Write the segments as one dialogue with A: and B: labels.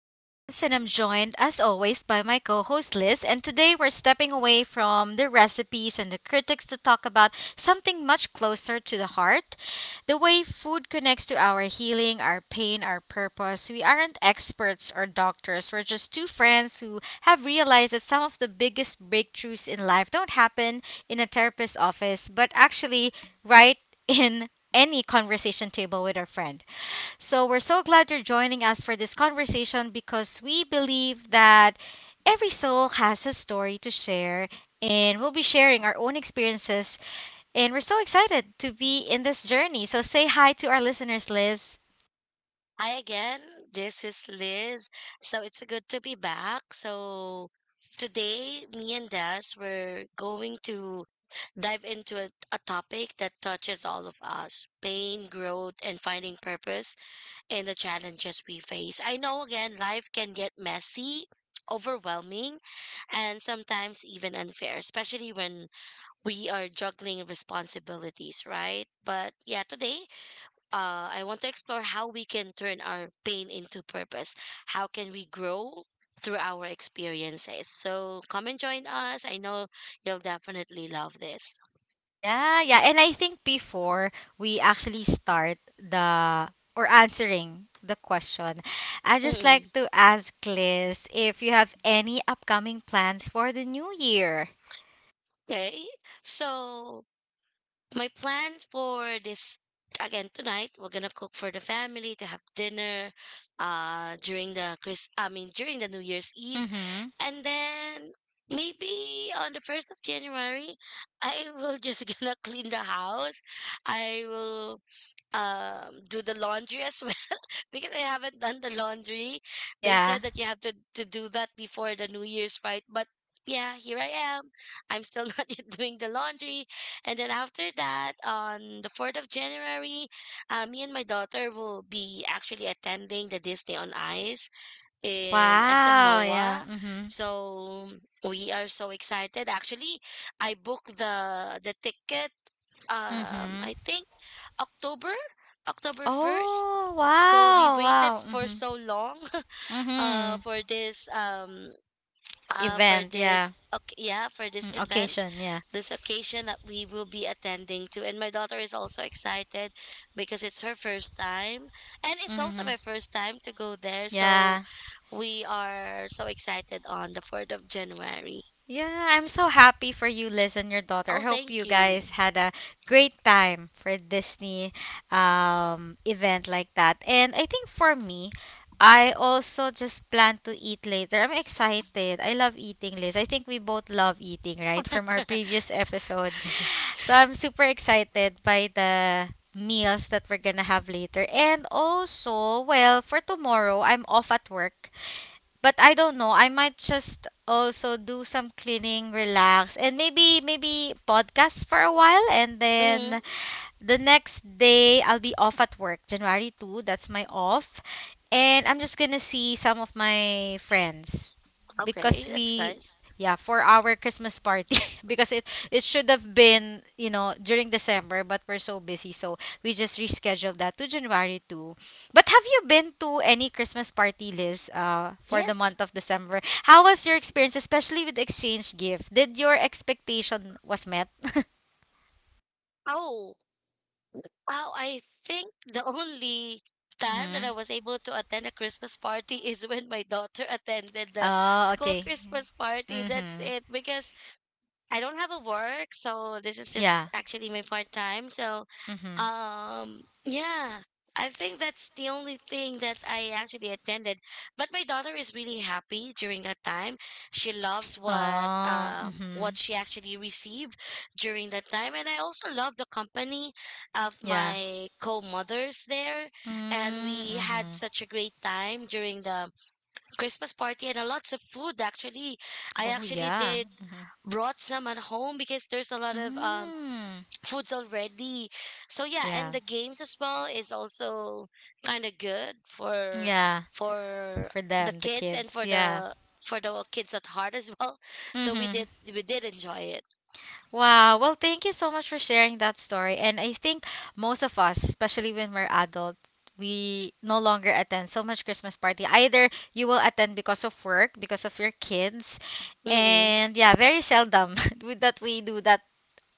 A: I'm Des, and I'm joined, as always, by my co host Liz. And today we're stepping away from the recipes and the critics to talk about something much closer to the heart, the way food connects to our healing, our pain, our purpose. We aren't experts or doctors. We're just two friends who have realized that some of the biggest breakthroughs in life don't happen in a therapist's office, but actually right. In any conversation table with our friend. So we're so glad you're joining us for this conversation, because we believe that every soul has a story to share, and we'll be sharing our own experiences, and we're so excited to be in this journey. So say hi to our listeners, Liz.
B: Hi again. This is Liz. So it's good to be back. So today, me and Des, we're going to dive into a topic that touches all of us pain, growth, and finding purpose in the challenges we face. I know, again, life can get messy, overwhelming, and sometimes even unfair, especially when we are juggling responsibilities, right? But yeah, today I want to explore how we can turn our pain into purpose. How can we grow through our experiences? So come and join us. I know you'll definitely love this.
A: Yeah, yeah. And I think before we actually start the or answering the question, I'd just like
B: Mm-mm.
A: to ask Liz if you have any upcoming plans for the new year.
B: Okay. So my plans for this again tonight we're gonna cook for the family to have dinner during the chris I mean during the new year's eve.
A: Mhm.
B: And then maybe on the 1st of January, I will just gonna clean the house. I will do the laundry as well because I haven't done the laundry. They
A: Yeah.
B: said that you have to do that before the New Year's, right? But yeah, here I am. I'm still not yet doing the laundry. And then after that, on the 4th of January, me and my daughter will be actually attending the Disney on Ice in SM.
A: Wow, yeah, mhm,
B: So we are so excited. Actually, I booked the ticket
A: mhm.
B: I think October, October 1st.
A: Oh,
B: So we
A: wow,
B: waited
A: wow,
B: for
A: mhm,
B: so long
A: mhm.
B: uh for this um for
A: Event,
B: this
A: yeah.
B: okay, yeah, for this
A: Mm,
B: event,
A: occasion, yeah,
B: this occasion that we will be attending to. And my daughter is also excited because it's her first time. And it's also my
A: mhm.
B: first time to go there. So
A: Ah,
B: we are so excited on the 4th of January.
A: yeah, I'm so happy for you, Liz, and your daughter.
B: Oh,
A: I hope
B: thank
A: you
B: you.
A: guys had a great time for Disney event like that. And I think for me, I also just plan to eat later. I'm excited. I love eating, Liz. I think we both love eating, right? From our previous episode. So I'm super excited by the meals that we're gonna have later. And also, well, for tomorrow, I'm off at work. But I don't know, I might just also do some cleaning, relax, and maybe podcast for a while, and
B: Mm,
A: then the next day, I'll be off at work, January 2. That's my off. And I'm just gonna see some of my friends because
B: okay, that's
A: we,
B: nice.
A: yeah, for our Christmas party. Because it should have been, during December, but we're so busy, so we just rescheduled that to January 2. But have you been to any Christmas party list for the
B: Yes.
A: month of December? How was your experience, especially with exchange gift? Did your expectation was met?
B: Oh, wow, I think the only time that
A: Mm-hmm.
B: I was able to attend a Christmas party is when my daughter attended the
A: Oh,
B: school
A: okay.
B: Christmas party. That's
A: Mhm.
B: it. Because I don't have a work, so this is just
A: Yeah.
B: actually my part time. So,
A: Mhm.
B: yeah, I think that's the only thing that I actually attended. But my daughter is really happy during that time. She loves
A: Oh, mhm.
B: what she actually received during that time, and I also love the company of
A: Yeah.
B: my co-mothers there, and
A: Mm,
B: we had
A: mhm.
B: such a great time during the Christmas party and a lots of food actually. I
A: Oh,
B: actually
A: yeah.
B: did
A: Mhm.
B: brought some at home because there's a lot of
A: Mm.
B: foods already. So yeah, and
A: Yeah.
B: the games as well is also kind of good for
A: Yeah.
B: for
A: For
B: the
A: them, the
B: kids and
A: kids. Yeah.
B: for the kids at heart as well. So we
A: Mm-hmm.
B: did we did enjoy it.
A: Wow. Well, thank you so much for sharing that story. And I think most of us, especially when we're adults, we no longer attend so much Christmas party. Either you will attend because of work, because of your kids,
B: Mm-mm.
A: and yeah, very seldom that we do that.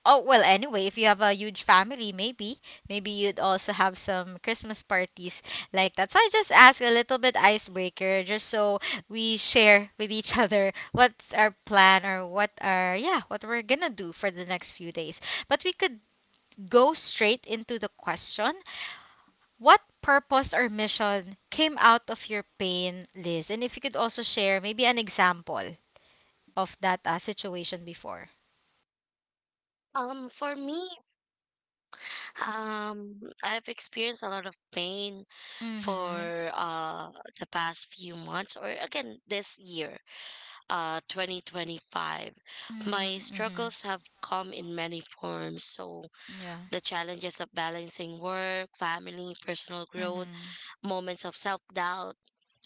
A: Oh, well, anyway, if you have a huge family, maybe you'd also have some Christmas parties like that. So I just ask a little bit icebreaker just so we share with each other what's our plan or what are, yeah, what we're gonna do for the next few days. But we could go straight into the question, what purpose or mission came out of your pain, Liz? And if you could also share maybe an example of that situation before.
B: For me, I've experienced a lot of pain
A: Mm-hmm.
B: for the past few months or again this year, 2025. My
A: Mm-hmm.
B: struggles have come in many forms, so
A: Yeah.
B: the challenges of balancing work, family, personal growth,
A: Mhm.
B: moments of self-doubt,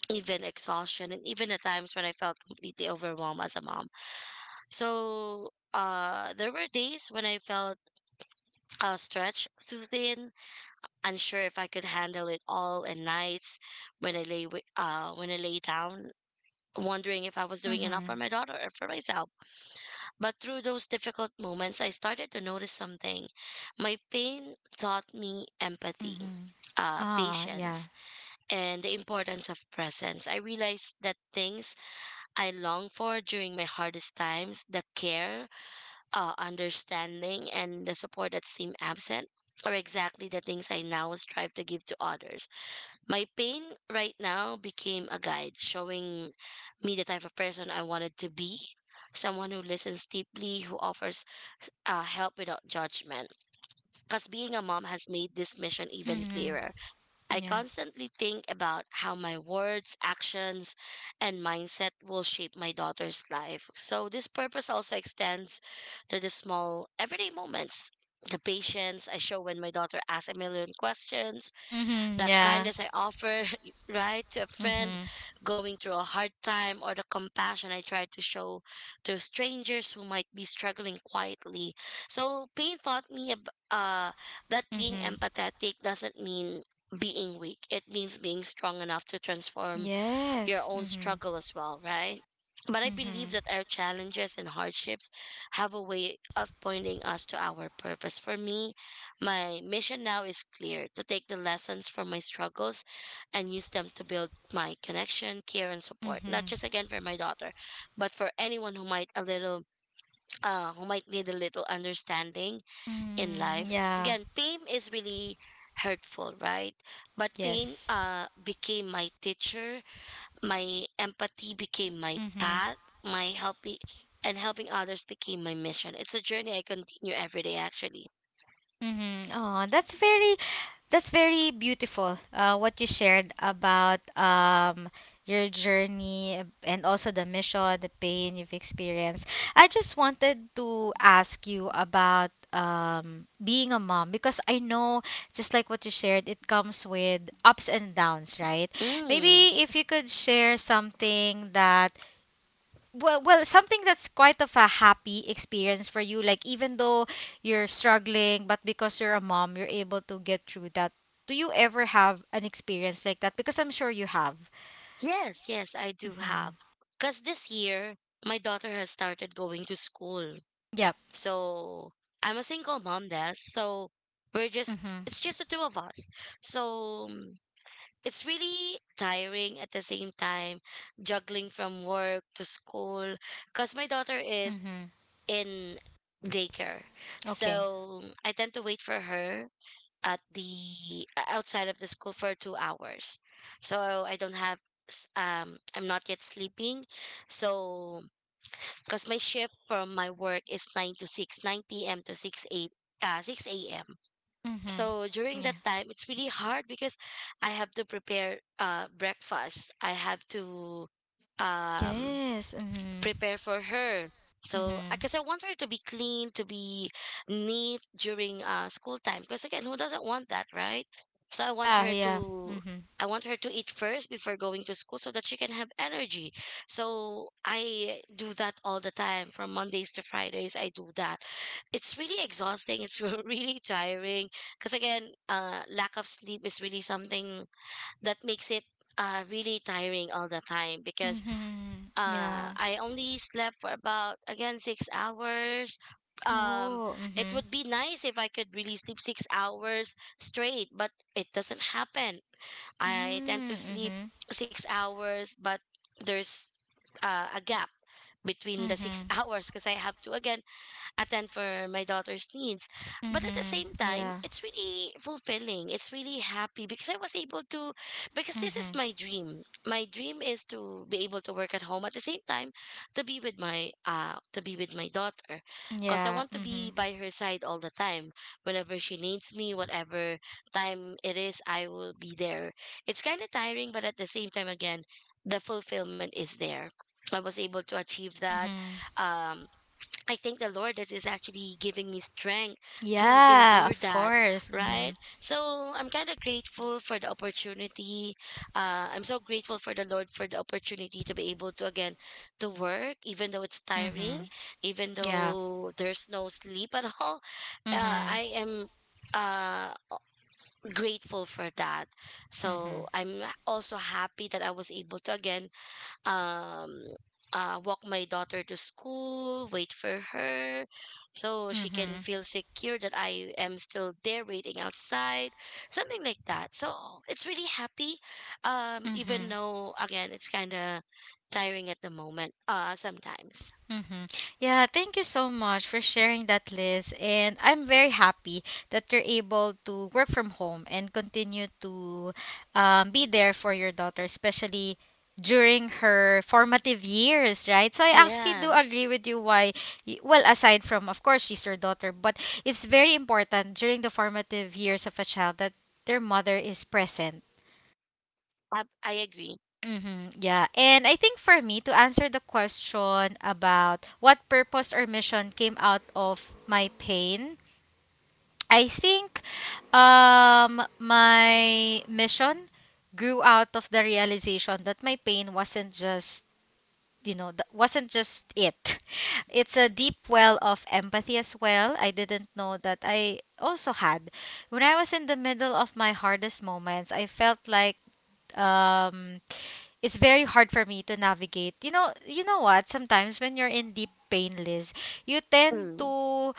B: even exhaustion, and even at times when I felt completely overwhelmed as a mom. So, there were days when I felt stretched too thin, unsure if I could handle it all, and nights when when I lay down, wondering if I was doing enough
A: Mhm.
B: for my daughter or for myself. But through those difficult moments, I started to notice something. My pain taught me empathy,
A: Mhm. Ah, yeah.
B: patience, and the importance of presence. I realized that things I long for during my hardest times, the care, understanding, and the support that seemed absent, are exactly the things I now strive to give to others. My pain right now became a guide, showing me the type of person I wanted to be. Someone who listens deeply, who offers help without judgment. Because being a mom has made this mission even
A: Mhm.
B: clearer. I
A: Yeah.
B: constantly think about how my words, actions, and mindset will shape my daughter's life. So, this purpose also extends to the small, everyday moments. The patience I show when my daughter asks a million questions,
A: Mhm.
B: the
A: Yeah.
B: kindness I offer, right, to a friend
A: Mhm.
B: going through a hard time, or the compassion I try to show to strangers who might be struggling quietly. So pain taught me ab- that being
A: Mhm.
B: empathetic doesn't mean being weak. It means being strong enough to transform your
A: Yes.
B: own
A: Mhm.
B: struggle as well, right? But I believe
A: Mhm.
B: that our challenges and hardships have a way of pointing us to our purpose. For me, my mission now is clear to take the lessons from my struggles and use them to build my connection, care, and support, not
A: Mhm.
B: just again for my daughter, but for anyone who might a little, who might need a little understanding in
A: Mm,
B: life.
A: yeah.
B: Again, pain is really hurtful, right? But pain
A: Yes.
B: became my teacher, my empathy became my
A: Mhm.
B: path, my helping and helping others became my mission. It's a journey I continue every day actually.
A: Mm-hmm. Oh, that's very beautiful. What you shared about your journey and also the mission, the pain you've experienced. I just wanted to ask you about being a mom, because I know, just like what you shared, it comes with ups and downs, right?
B: Mm,
A: Maybe if you could share something that well well something that's quite of a happy experience for you, like even though you're struggling, but because you're a mom, you're able to get through that. Do you ever have an experience like that? Because I'm sure you have.
B: yes, I do have,
A: Mm-hmm.
B: because this year my daughter has started going to school.
A: Yep.
B: So I'm a single mom there, so we're just
A: Mm-hmm.
B: it's just the two of us. So mm, it's really tiring at the same time juggling from work to school, because my daughter is
A: Mm-hmm.
B: in daycare.
A: Okay.
B: So I tend to wait for her at the outside of the school for 2 hours. So I don't have I'm not yet sleeping. So, because my shift from my work is 9 p.m to 6 a.m. So
A: Mm-hmm.
B: during
A: Yeah.
B: that time it's really hard because I have to prepare breakfast. I have to um
A: Yes. Mm-hmm.
B: prepare for her. So,
A: Mm-hmm.
B: because I want her to be clean, to be neat during school time. Because again, who doesn't want that, right? So
A: Yeah. Yeah. Mm-hmm.
B: I want her to eat first before going to school, so that she can have energy. So I do that all the time, from Mondays to Fridays. I do that. It's really exhausting. It's really tiring. Because again, lack of sleep is really something that makes it really tiring all the time. Because
A: Mm-hmm. Yeah.
B: I only slept for about again 6 hours. Um,
A: Oh,
B: it
A: mm-hmm.
B: would be nice if I could really sleep 6 hours straight, but it doesn't happen. I tend to sleep
A: Mm-hmm.
B: 6 hours, but there's a gap between the six
A: Mm-hmm.
B: hours because I have to again attend for my daughter's needs. But at the
A: Mm-hmm.
B: same time,
A: Yeah.
B: it's really fulfilling. It's really happy because I was able to, because this is
A: Mm-hmm.
B: my dream. My dream is to be able to work at home at the same time to be with my to be with my daughter, because I
A: Yeah.
B: want to be
A: Mm-hmm.
B: by her side all the time. Whenever she needs me, whatever time it is, I will be there. It's kind of tiring, but at the same time, again, the fulfillment is there. I was able to achieve that.
A: Mm-hmm.
B: Um, I thank the Lord that is actually giving me strength to
A: Yeah,
B: endure
A: of
B: that,
A: course. Mm-hmm.
B: right? So I'm kind of grateful for the opportunity. I'm so grateful for the Lord for the opportunity to be able to again to work, even though it's
A: Mm-hmm.
B: tiring, even
A: Yeah.
B: though there's no sleep at all. Uh,
A: Mm-hmm.
B: I am uh grateful for that. So
A: Mm-hmm.
B: I'm also happy that I was able to again um walk my daughter to school, wait for her, so she can
A: Mm-hmm.
B: feel secure that I am still there waiting outside, something like that. So it's really happy, even
A: Mm-hmm.
B: though again it's kind of tiring at the moment, sometimes.
A: Mm-hmm. Yeah, thank you so much for sharing that, Liz. And I'm very happy that you're able to work from home and continue to be there for your daughter, especially during her formative years, right? So I actually do
B: Yeah,
A: agree with you, why, well, aside from, of course, she's your daughter, but it's very important during the formative years of a child that their mother is present.
B: I agree.
A: Mm-hmm. Yeah. And I think for me, to answer the question about what purpose or mission came out of my pain, I think my mission grew out of the realization that my pain wasn't just, you know, th- wasn't just it. It's a deep well of empathy as well. I didn't know that I also had. When I was in the middle of my hardest moments, I felt like um it's very hard for me to navigate. You know what? Sometimes when you're in deep pain, Liz, you tend
B: Mm.
A: to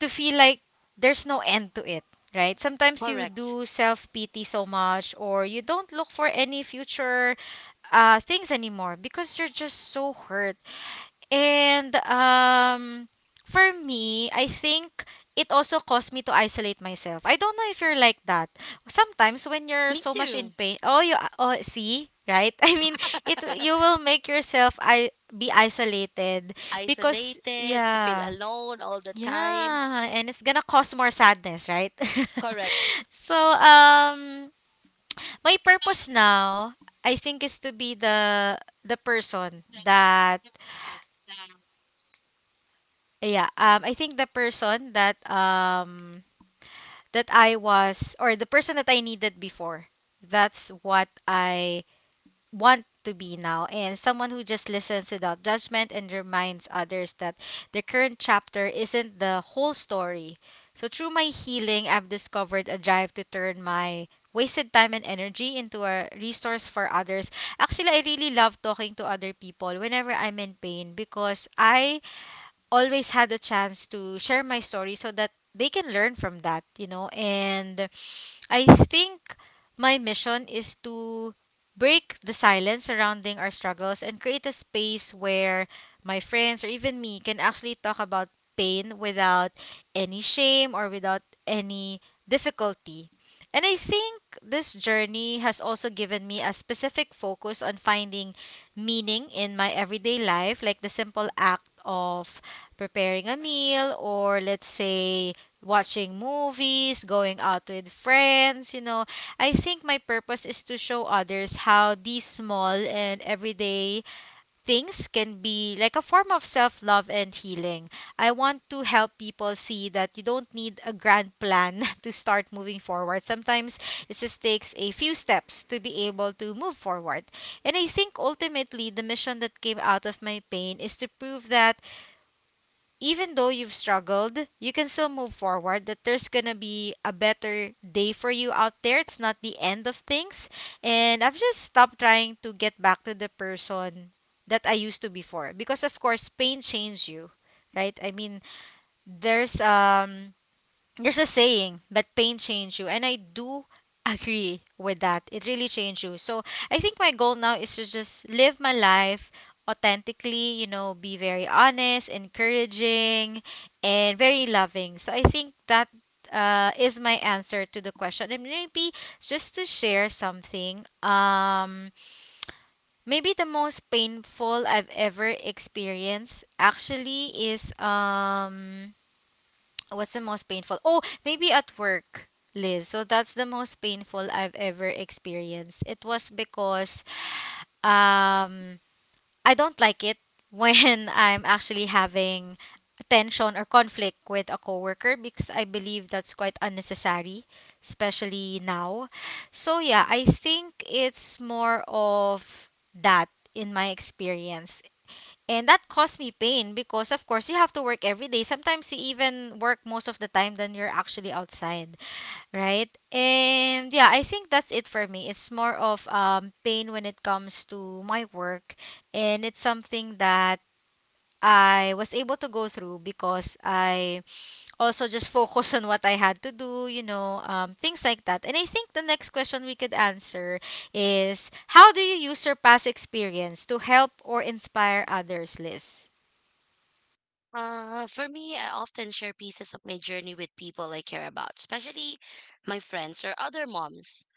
A: to feel like there's no end to it, right? Sometimes you
B: Correct.
A: do self pity so much, or you don't look for any future things anymore because you're just so hurt. And for me, I think it also caused me to isolate myself. I don't know if you're like that. Sometimes when you're
B: Me
A: so much in
B: too.
A: pain, oh you oh see, right? I mean, it you will make yourself I be isolated because
B: Isolated, to feel
A: yeah.
B: alone all the time.
A: Yeah, and it's gonna cause more sadness, right?
B: Correct.
A: So, my purpose now, I think, is to be the person that. Yeah, I think the person that I was, or the person that I needed before. That's what I want to be now, and someone who just listens without judgment and reminds others that the current chapter isn't the whole story. So through my healing, I've discovered a drive to turn my wasted time and energy into a resource for others. Actually, I really love talking to other people whenever I'm in pain, because I always had a chance to share my story so that they can learn from that. And I think my mission is to break the silence surrounding our struggles and create a space where my friends or even me can actually talk about pain without any shame or without any difficulty. And I think this journey has also given me a specific focus on finding meaning in my everyday life, like the simple act of preparing a meal, or let's say watching movies, going out with friends, I think my purpose is to show others how these small and everyday things can be like a form of self-love and healing. I want to help people see that you don't need a grand plan to start moving forward. Sometimes it just takes a few steps to be able to move forward. And I think ultimately the mission that came out of my pain is to prove that even though you've struggled, you can still move forward, that there's gonna be a better day for you out there. It's not the end of things. And I've just stopped trying to get back to the person that I used to before. Because of course pain changed you. Right? I mean, there's um there's a saying that pain changed you, and I do agree with that. It really changed you. So I think my goal now is to just live my life authentically, be very honest, encouraging, and very loving. So I think that is my answer to the question. And maybe just to share something, maybe the most painful I've ever experienced actually is. What's the most painful? Oh, maybe at work, Liz. So that's the most painful I've ever experienced. It was because um I don't like it when I'm actually having tension or conflict with a coworker, because I believe that's quite unnecessary, especially now. So yeah, I think it's more of that in my experience. And that caused me pain because, of course, you have to work every day. Sometimes you even work most of the time than you're actually outside, right? And yeah, I think that's it for me. It's more of pain when it comes to my work. And it's something that I was able to go through because I also just focus on what I had to do, things like that. And I think the next question we could answer is, how do you use your past experience to help or inspire others, Liz?
B: For me, I often share pieces of my journey with people I care about, especially my friends or other moms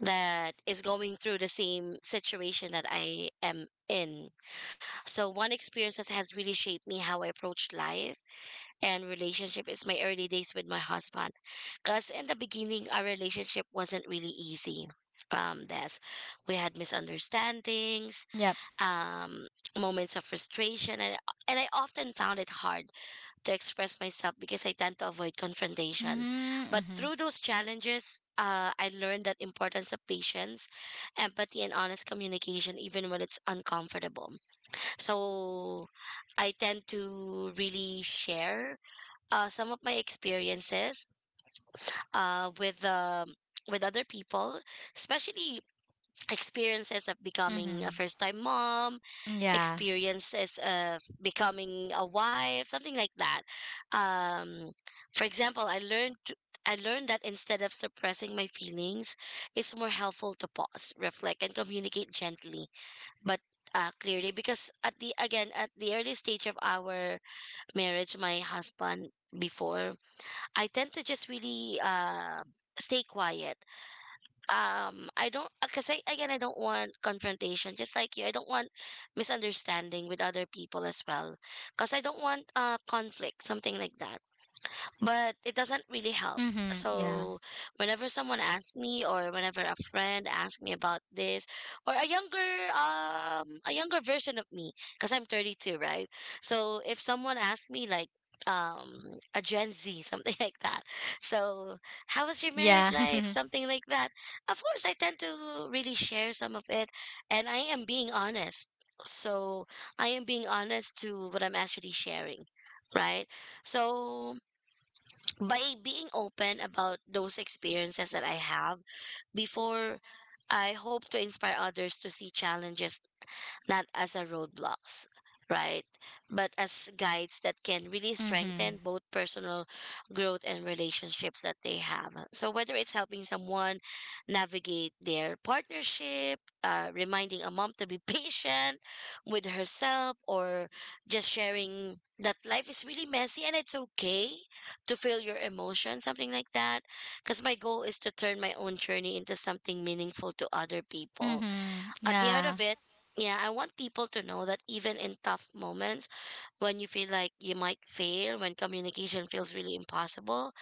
B: that is going through the same situation that I am in. So, one experience that has really shaped me how I approach life and relationship is my early days with my husband. Because in the beginning, our relationship wasn't really easy. This we had misunderstandings,
A: Yep.
B: um, moments of frustration, and I often found it hard to express myself because I tend to avoid confrontation.
A: Mm-hmm.
B: But
A: Mm-hmm.
B: through those challenges, I learned that importance of patience, empathy, and honest communication, even when it's uncomfortable. So I tend to really share some of my experiences uh, with um with other people, especially experiences of becoming
A: Mm-hmm.
B: a first time mom,
A: Yeah.
B: experiences of becoming a wife, something like that. Um, for example, I learned that instead of suppressing my feelings, it's more helpful to pause, reflect, and communicate gently, but clearly. Because at the again at the early stage of our marriage, my husband before, I tend to just really stay quiet. I don't, because I, again, I don't want confrontation, just like you. I don't want misunderstanding with other people as well, because I don't want conflict, something like that, but it doesn't really help.
A: Mm-hmm. Yeah.
B: So whenever someone asks me, or whenever a friend asks me about this, or a younger version of me, because I'm 32, right? So if someone asks me like a Gen Z something like that. So, how was your married
A: Yeah.
B: life? Something like that. Of course I tend to really share some of it, and I am being honest. So I am being honest to what I'm actually sharing, right? So by being open about those experiences that I have before, I hope to inspire others to see challenges not as a roadblocks, right? But as guides that can really
A: Mm-hmm.
B: strengthen both personal growth and relationships that they have. So whether it's helping someone navigate their partnership, reminding a mom to be patient with herself, or just sharing that life is really messy and it's okay to feel your emotions, something like that. Because my goal is to turn my own journey into something meaningful to other
A: Mm-hmm.
B: people
A: Mm-hmm.
B: at the end
A: Yeah.
B: of it, yeah, I want people to know that even in tough moments, when you feel like you might fail, when communication feels really impossible,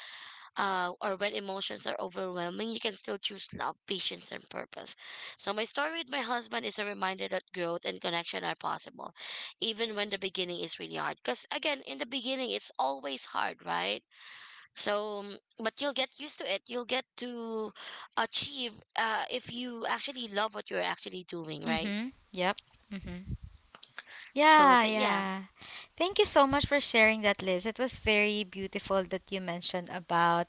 B: or when emotions are overwhelming, you can still choose love, patience, and purpose. So, my story with my husband is a reminder that growth and connection are possible, even when the beginning is really hard. Because, again, in the beginning, it's always hard, right? So, but you'll get used to it. You'll get to achieve, if you actually love what you're actually doing, right?
A: Mm-hmm. Yep. Mm-hmm.
B: So
A: Yeah,
B: that, yeah,
A: yeah. Thank you so much for sharing that, Liz. It was very beautiful that you mentioned about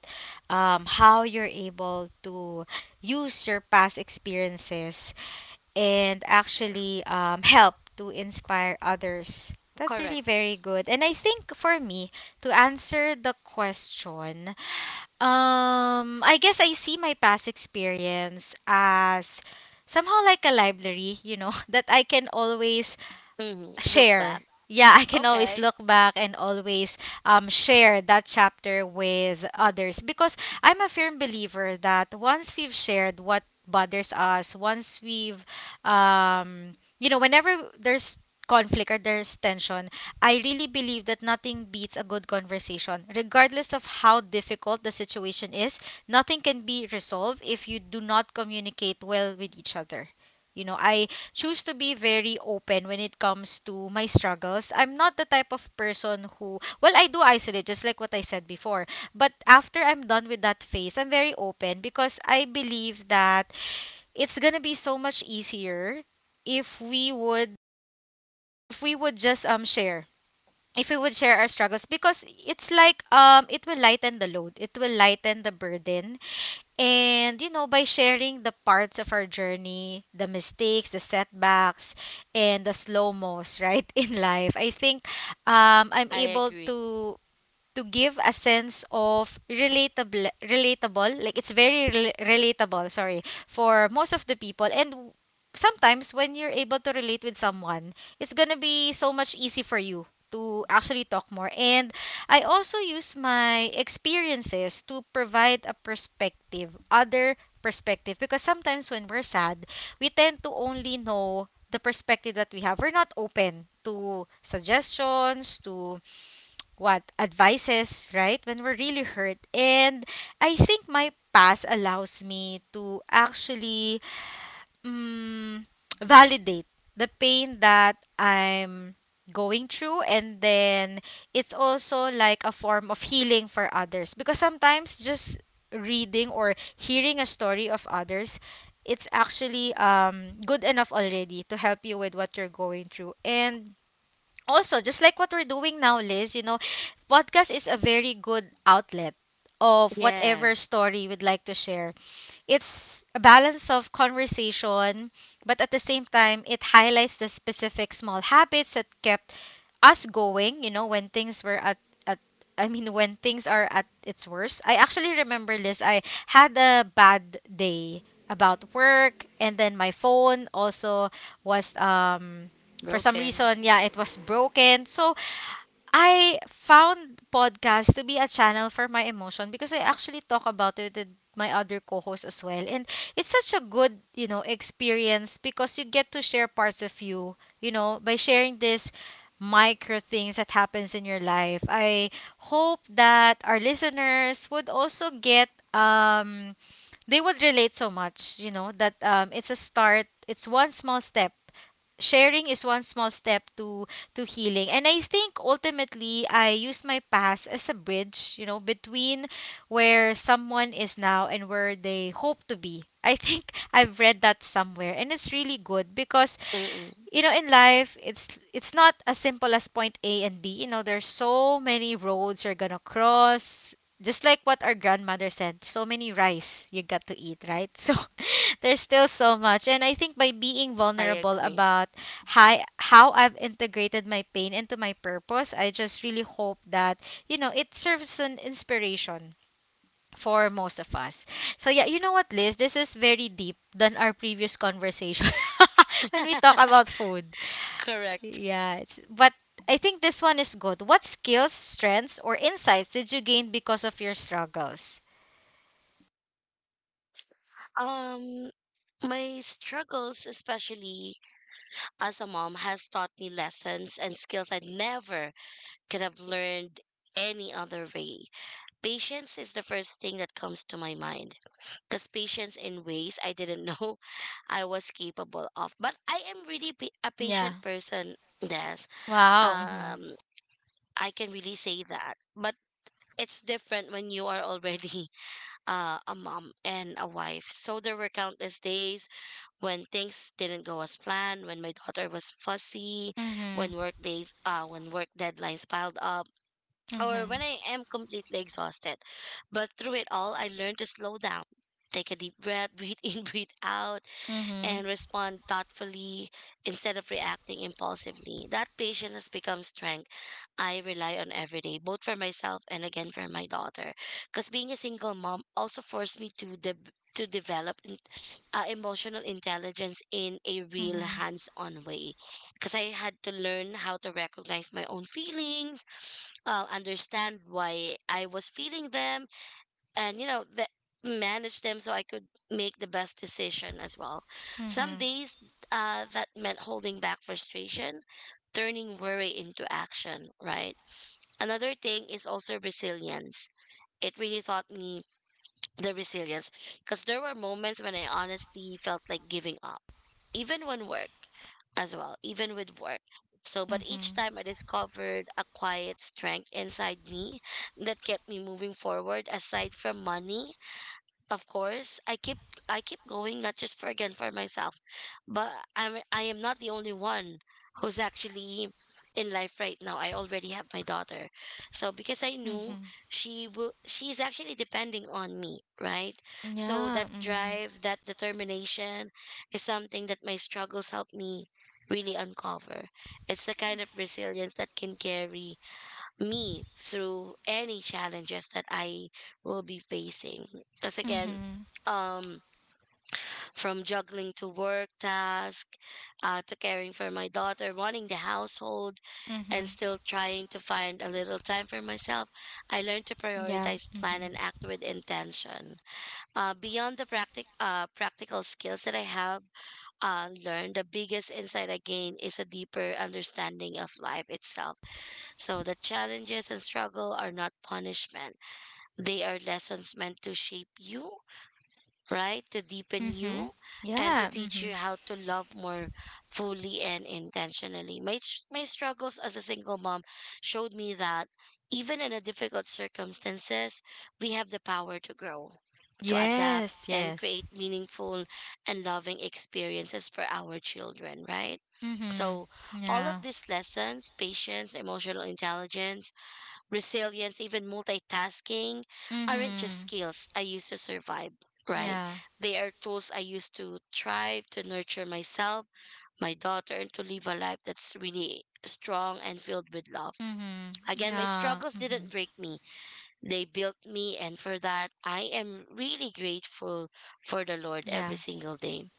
A: how you're able to use your past experiences and actually help to inspire others. That's really
B: correct.
A: very good. And I think for me, to answer the question, I guess I see my past experience as somehow like a library, that I can always
B: Hmm. Look back.
A: share. Yeah, I can always
B: Okay,
A: look back and always share that chapter with others because I'm a firm believer that once we've shared what bothers us, once we've, um, whenever there's conflict or there's tension, I really believe that nothing beats a good conversation. Regardless of how difficult the situation is, nothing can be resolved if you do not communicate well with each other. You know, I choose to be very open when it comes to my struggles. I'm not the type of person who, well, I do isolate, just like what I said before. But after I'm done with that phase, I'm very open because I believe that it's gonna be so much easier if we would if we would just share if we would share our struggles, because it's like it will lighten the load, it will lighten the burden. And, you know, by sharing the parts of our journey, the mistakes, the setbacks, and the slow mos, right, in life, I think I'm
B: I
A: able
B: agree.
A: to give a sense of relatable relatable like, it's very relatable, sorry, for most of the people. And sometimes when you're able to relate with someone, it's gonna be so much easy for you to actually talk more. And I also use my experiences to provide a perspective, other perspective, because sometimes when we're sad, we tend to only know the perspective that we have. We're not open to suggestions, to what advices, right? When we're really hurt. And I think my past allows me to actually mm, validate the pain that I'm going through. And then it's also like a form of healing for others, because sometimes just reading or hearing a story of others, it's actually good enough already to help you with what you're going through. And also, just like what we're doing now, Liz, podcast is a very good outlet of
B: Yes,
A: whatever story we'd like to share. It's a balance of conversation, but at the same time it highlights the specific small habits that kept us going, you know, when things were at, I mean, when things are at its worst. I actually remember, Liz. I had a bad day about work, and then my phone also was for some
B: broken.
A: reason, yeah, it was broken. So I found podcast to be a channel for my emotion because I actually talk about it with my other co-hosts as well. And it's such a good, experience, because you get to share parts of you, by sharing this micro things that happens in your life. I hope that our listeners would also get they would relate so much, that it's a start. It's one small step, sharing is one small step to healing. And I think ultimately I use my past as a bridge, between where someone is now and where they hope to be. I think, I've read that somewhere, and it's really good, because,
B: Mm-mm,
A: in life, it's not as simple as point A and B, you know, there's so many roads you're gonna cross, just like what our grandmother said, so many rice you got to eat, right? So there's still so much. And I think by being
B: I
A: vulnerable
B: agree.
A: about how I've integrated my pain into my purpose, I just really hope that, it serves as an inspiration for most of us. So yeah, you know what, Liz? This is very deep than our previous conversation when we talk about food.
B: Correct.
A: Yeah, it's, but I think this one is good. What skills, strengths, or insights did you gain because of your struggles?
B: Um, my struggles, especially as a mom, has taught me lessons and skills I never could have learned any other way. Patience is the first thing that comes to my mind, because patience in ways I didn't know I was capable of. But I am really a patient
A: Yeah.
B: person. Yes.
A: Wow. Mhm.
B: Um, I can really say that. But it's different when you are already a mom and a wife. So there were countless days when things didn't go as planned, when my daughter was fussy,
A: Mhm.
B: when work deadlines piled up, or when
A: Mhm.
B: I am completely exhausted. But through it all, I learned to slow down, take a deep breath, breathe in, breathe out,
A: Mhm.
B: and respond thoughtfully instead of reacting impulsively. That patience has become strength I rely on every day, both for myself and again for my daughter. Because being a single mom also forced me to to develop emotional intelligence in a real
A: Mhm.
B: hands-on way. Because I had to learn how to recognize my own feelings, understand why I was feeling them, and you know that manage them so I could make the best decision as well. Some
A: Mhm.
B: days, that meant holding back frustration, turning worry into action, right? Another thing is also resilience. It really taught me the resilience, because there were moments when I honestly felt like giving up, even when work as well, even with work. So, but each
A: Mhm.
B: time I discovered a quiet strength inside me that kept me moving forward, aside from money of course. I keep going, not just for, again, for myself, but I am not the only one who's actually in life right now. I already have my daughter. So because I knew
A: Mhm.
B: she's actually depending on me, right? So
A: Yeah.
B: that
A: Mhm.
B: drive, that determination, is something that my struggles help me really uncover. It's the kind of resilience that can carry me through any challenges that I will be facing. Because again,
A: Mhm.
B: um, from juggling to work task, to caring for my daughter, running the household, and
A: Mhm.
B: still trying to find a little time for myself, I learned to
A: Yeah.
B: prioritize, plan,
A: Mhm.
B: and act with intention. Beyond the practical skills that I have, learn, the biggest insight I gain is a deeper understanding of life itself. So the challenges and struggle are not punishment. They are lessons meant to shape you, right? To deepen you,
A: Mhm.
B: and to
A: Yeah.
B: teach you
A: Mhm.
B: how to love more fully and intentionally. My struggles as a single mom showed me that even in a difficult circumstances, we have the power to grow, to adapt,
A: Yes.
B: and
A: Yes.
B: create meaningful and loving experiences for our children, right?
A: Mhm.
B: So, all of
A: Yeah.
B: these lessons, patience, emotional intelligence, resilience, even multitasking, aren't just
A: Mhm.
B: skills I use to survive, right?
A: Yeah.
B: They are tools I use to thrive, to nurture myself, my daughter, and to live a life that's really strong and filled with love.
A: Mhm.
B: Again, my
A: Yeah.
B: struggles didn't
A: Mhm.
B: break me, they built me. And for that, I am really grateful for the Lord
A: Yeah.
B: every single day.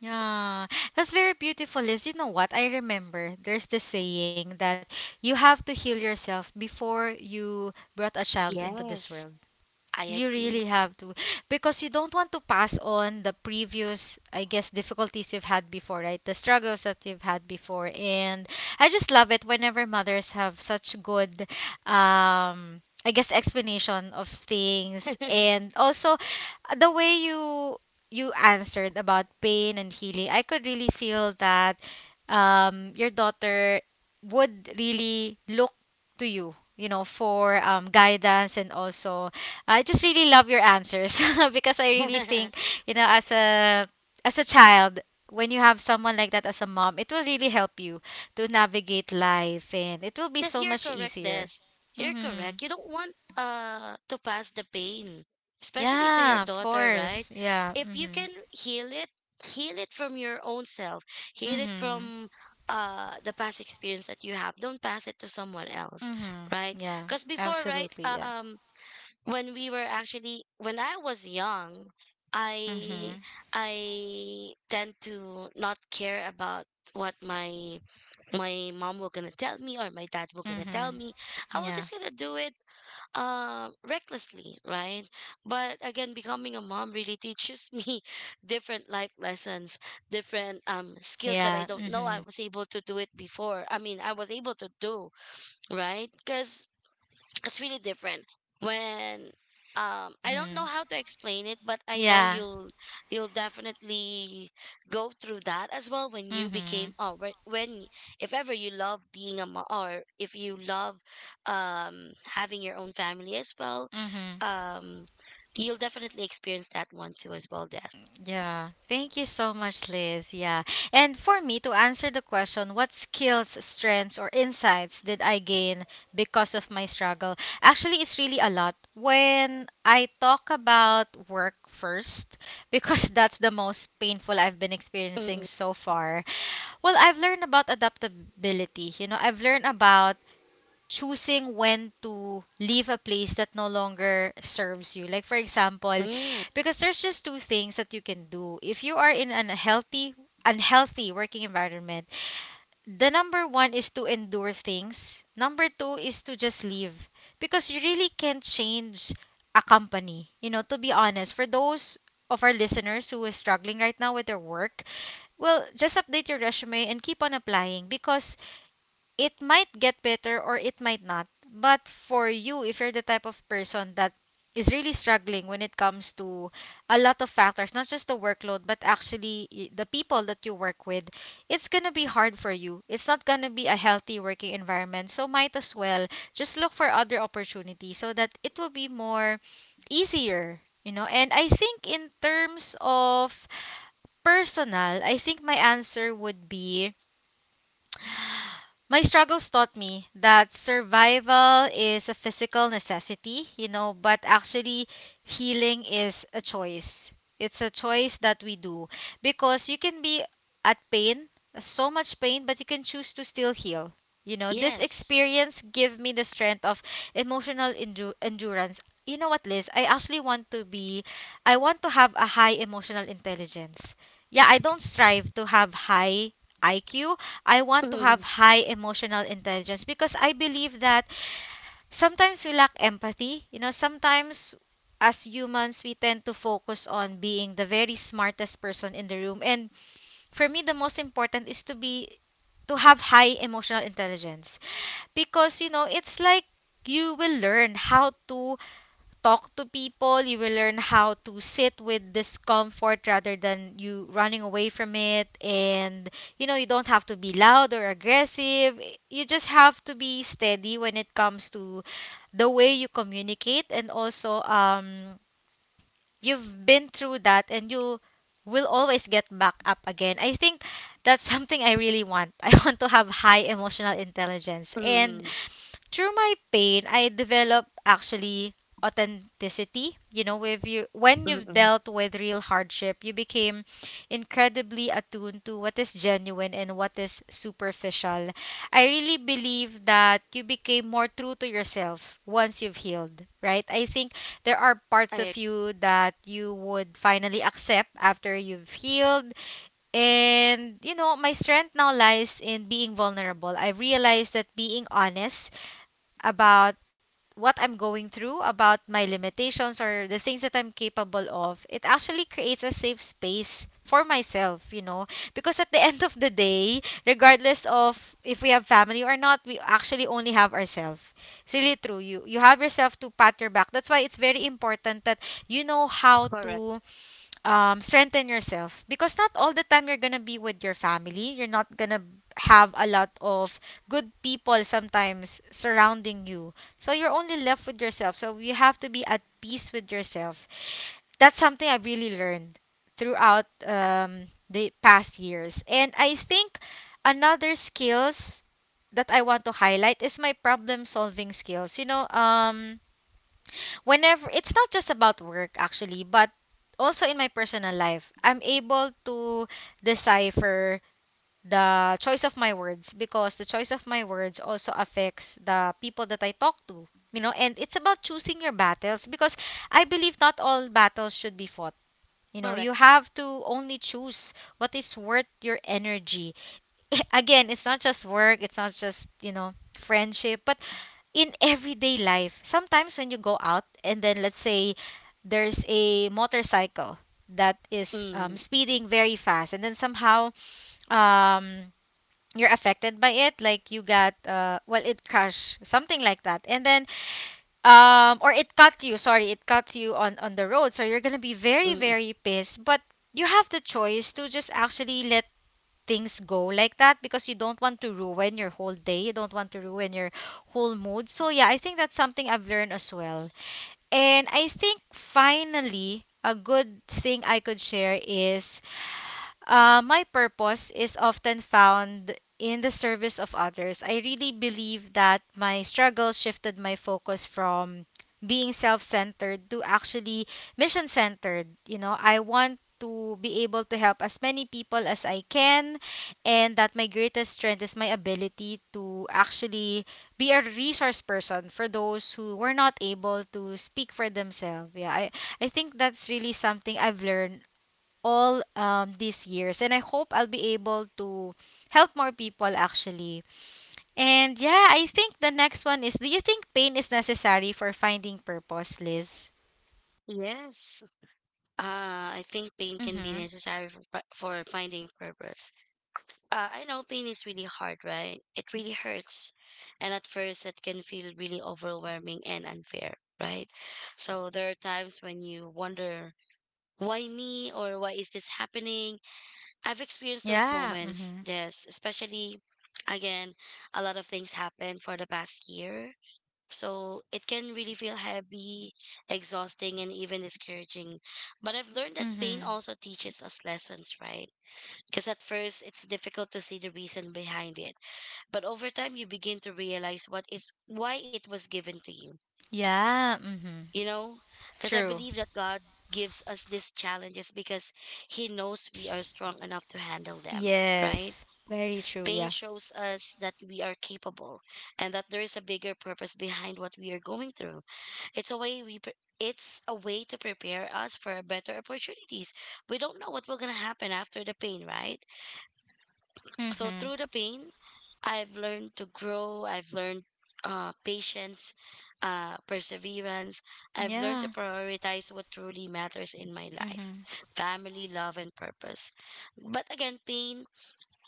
A: Yeah, that's very beautiful, Liz. You know what? I remember there's this saying that you have to heal yourself before you brought a child into this
B: Yes,
A: world.
B: I
A: You
B: agree.
A: really have to, because you don't want to pass on the previous, I guess, difficulties you've had before, right? The struggles that you've had before. And I just love it whenever mothers have such good, I guess, explanation of things. And also, the way you answered about pain and healing, I could really feel that your daughter would really look to you, for guidance. And also, I just really love your answers because I really think, as a child, when you have someone like that as a mom, it will really help you to navigate life and it will be
B: Because
A: so
B: you're
A: much
B: correct, Des.
A: easier.
B: You're
A: Mhm.
B: correct. You don't want to pass the pain, especially to your
A: Yeah, of
B: daughter, right?
A: course. Yeah.
B: If you
A: Mhm.
B: can heal it from your own self. Heal it
A: Mhm.
B: from the past experience that you have. Don't pass it to someone else,
A: Mhm.
B: right?
A: Yeah.
B: Because before, right,
A: Absolutely. Yeah.
B: when we were actually when I was young, I
A: Mhm.
B: I tend to not care about what my mom will gonna tell me, or my dad will gonna tell
A: Mhm.
B: me. i will
A: Yeah.
B: just gonna do it, recklessly, right? But again, becoming a mom really teaches me different life lessons, different skills that I
A: Yeah.
B: don't know I
A: Mhm.
B: was able to do it before. I mean, I was able to do, right? Because it's really different when, um, I don't know
A: Mhm.
B: how to explain it, but I know
A: Yeah.
B: you'll definitely go through that as well when you became,
A: Mhm.
B: or if ever you love being a mom, or if you love having your own family as well,
A: Mhm.
B: um, you'll definitely experience that one too as well, Des.
A: Yeah. Thank you so much, Liz. Yeah. And for me to answer the question, what skills, strengths, or insights did I gain because of my struggle? Actually, it's really a lot. When I talk about work first, because that's the most painful I've been experiencing
B: Mm-mm.
A: so far, well, I've learned about adaptability. You know, I've learned about choosing when to leave a place that no longer serves you. Like for example,
B: Mm.
A: because there's just two things that you can do. If you are in an unhealthy working environment, the number one is to endure things. Number two is to just leave. Because you really can't change a company. You know, to be honest, for those of our listeners who is struggling right now with their work, well, just update your resume and keep on applying because it might get better or it might not. But for you, if you're the type of person that is really struggling when it comes to a lot of factors, not just the workload, but actually the people that you work with, it's going to be hard for you. It's not going to be a healthy working environment. So, might as well just look for other opportunities so that it will be more easier, you know. And I think in terms of personal, I think my answer would be, my struggles taught me that survival is a physical necessity, you know, but actually healing is a choice. It's a choice that we do, because you can be at pain, so much pain, but you can choose to still heal. You know, this
B: Yes.
A: experience gave me the strength of emotional endurance. You know what, Liz? I actually want to be, I want to have a high emotional intelligence. Yeah, I don't strive to have high IQ, I want to have
B: Mm.
A: high emotional intelligence because I believe that sometimes we lack empathy. You know, sometimes as humans, we tend to focus on being the very smartest person in the room. And for me, the most important is to have high emotional intelligence, because, it's like you will learn how to talk to people, you will learn how to sit with discomfort rather than you running away from it. And, you know, you don't have to be loud or aggressive. You just have to be steady when it comes to the way you communicate. And also, you've been through that and you will always get back up again. I think that's something I really want. I want to have high emotional intelligence. And
B: Mm.
A: through my pain, I develop actually authenticity. You know, if you when you've
B: Mm-mm.
A: dealt with real hardship, you became incredibly attuned to what is genuine and what is superficial. I really believe that you became more true to yourself once you've healed, right? I think there are parts
B: Eh,
A: of you that you would finally accept after you've healed, and, you know, my strength now lies in being vulnerable. I realized that being honest about what I'm going through, about my limitations or the things that I'm capable of, it actually creates a safe space for myself, you know. Because at the end of the day, regardless of if we have family or not, we actually only have ourselves. It's really true. You have yourself to pat your back. That's why it's very important that you know how
B: correct.
A: to strengthen yourself, because not all the time you're gonna be with your family. You're not gonna have a lot of good people sometimes surrounding you. So you're only left with yourself. So you have to be at peace with yourself. That's something I've really learned throughout the past years. And I think another skills that I want to highlight is my problem solving skills. Whenever it's not just about work actually, but also in my personal life, I'm able to decipher the choice of my words because the choice of my words also affects the people that I talk to. You know, and it's about choosing your battles because I believe not all battles should be fought. You know, you
B: Correct.
A: have to only choose what is worth your energy. Again, it's not just work, it's not just, you know, friendship, but in everyday life. Sometimes when you go out and then let's say there's a motorcycle that is
B: Mm.
A: speeding very fast, and then somehow um you're affected by it. Like you got well, it crashed, something like that. And then or it cut you, sorry, it cut you on the road, so you're gonna be very
B: Mm.
A: very pissed. But you have the choice to just actually let things go like that, because you don't want to ruin your whole day, you don't want to ruin your whole mood. So yeah, I think that's something I've learned as well. And I think finally a good thing I could share is my purpose is often found in the service of others. I really believe that my struggle shifted my focus from being self centered to actually mission centered. You know, I want to be able to help as many people as I can, and that my greatest strength is my ability to actually be a resource person for those who were not able to speak for themselves. I think that's really something I've learned all these years. And I hope I'll be able to help more people actually. And yeah, I think the next one is, do you think pain is necessary for finding purpose, Liz?
B: Yes. I think pain can be
A: Mm-hmm.
B: necessary for, for finding purpose. I know pain is really hard, right? It really hurts. And at first, it can feel really overwhelming and unfair, right? So there are times when you wonder, why me, or why is this happening? I've experienced those
A: Yeah.
B: moments,
A: Mm-hmm.
B: yes, especially again, a lot of things happened for the past year, so it can really feel heavy, exhausting, and even discouraging. But I've learned that pain
A: Mm-hmm.
B: also teaches us lessons, right? Because at first it's difficult to see the reason behind it. But over time you begin to realize what is why it was given to you.
A: Yeah. Mm-hmm.
B: You know? Because I
A: True.
B: believe that God gives us these challenges because He knows we are strong enough to handle them, right?
A: Yes. Very true.
B: Pain
A: Yeah.
B: shows us that we are capable, and that there is a bigger purpose behind what we are going through. It's a way we pre- it's a way to prepare us for better opportunities. We don't know what will going to happen after the pain, right? So
A: Mm-hmm.
B: through the pain, I've learned to grow, I've learned, patience, perseverance. I've learned to
A: Yeah.
B: prioritize what truly matters in my life:
A: Mm-hmm.
B: family, love, and purpose. But again, pain,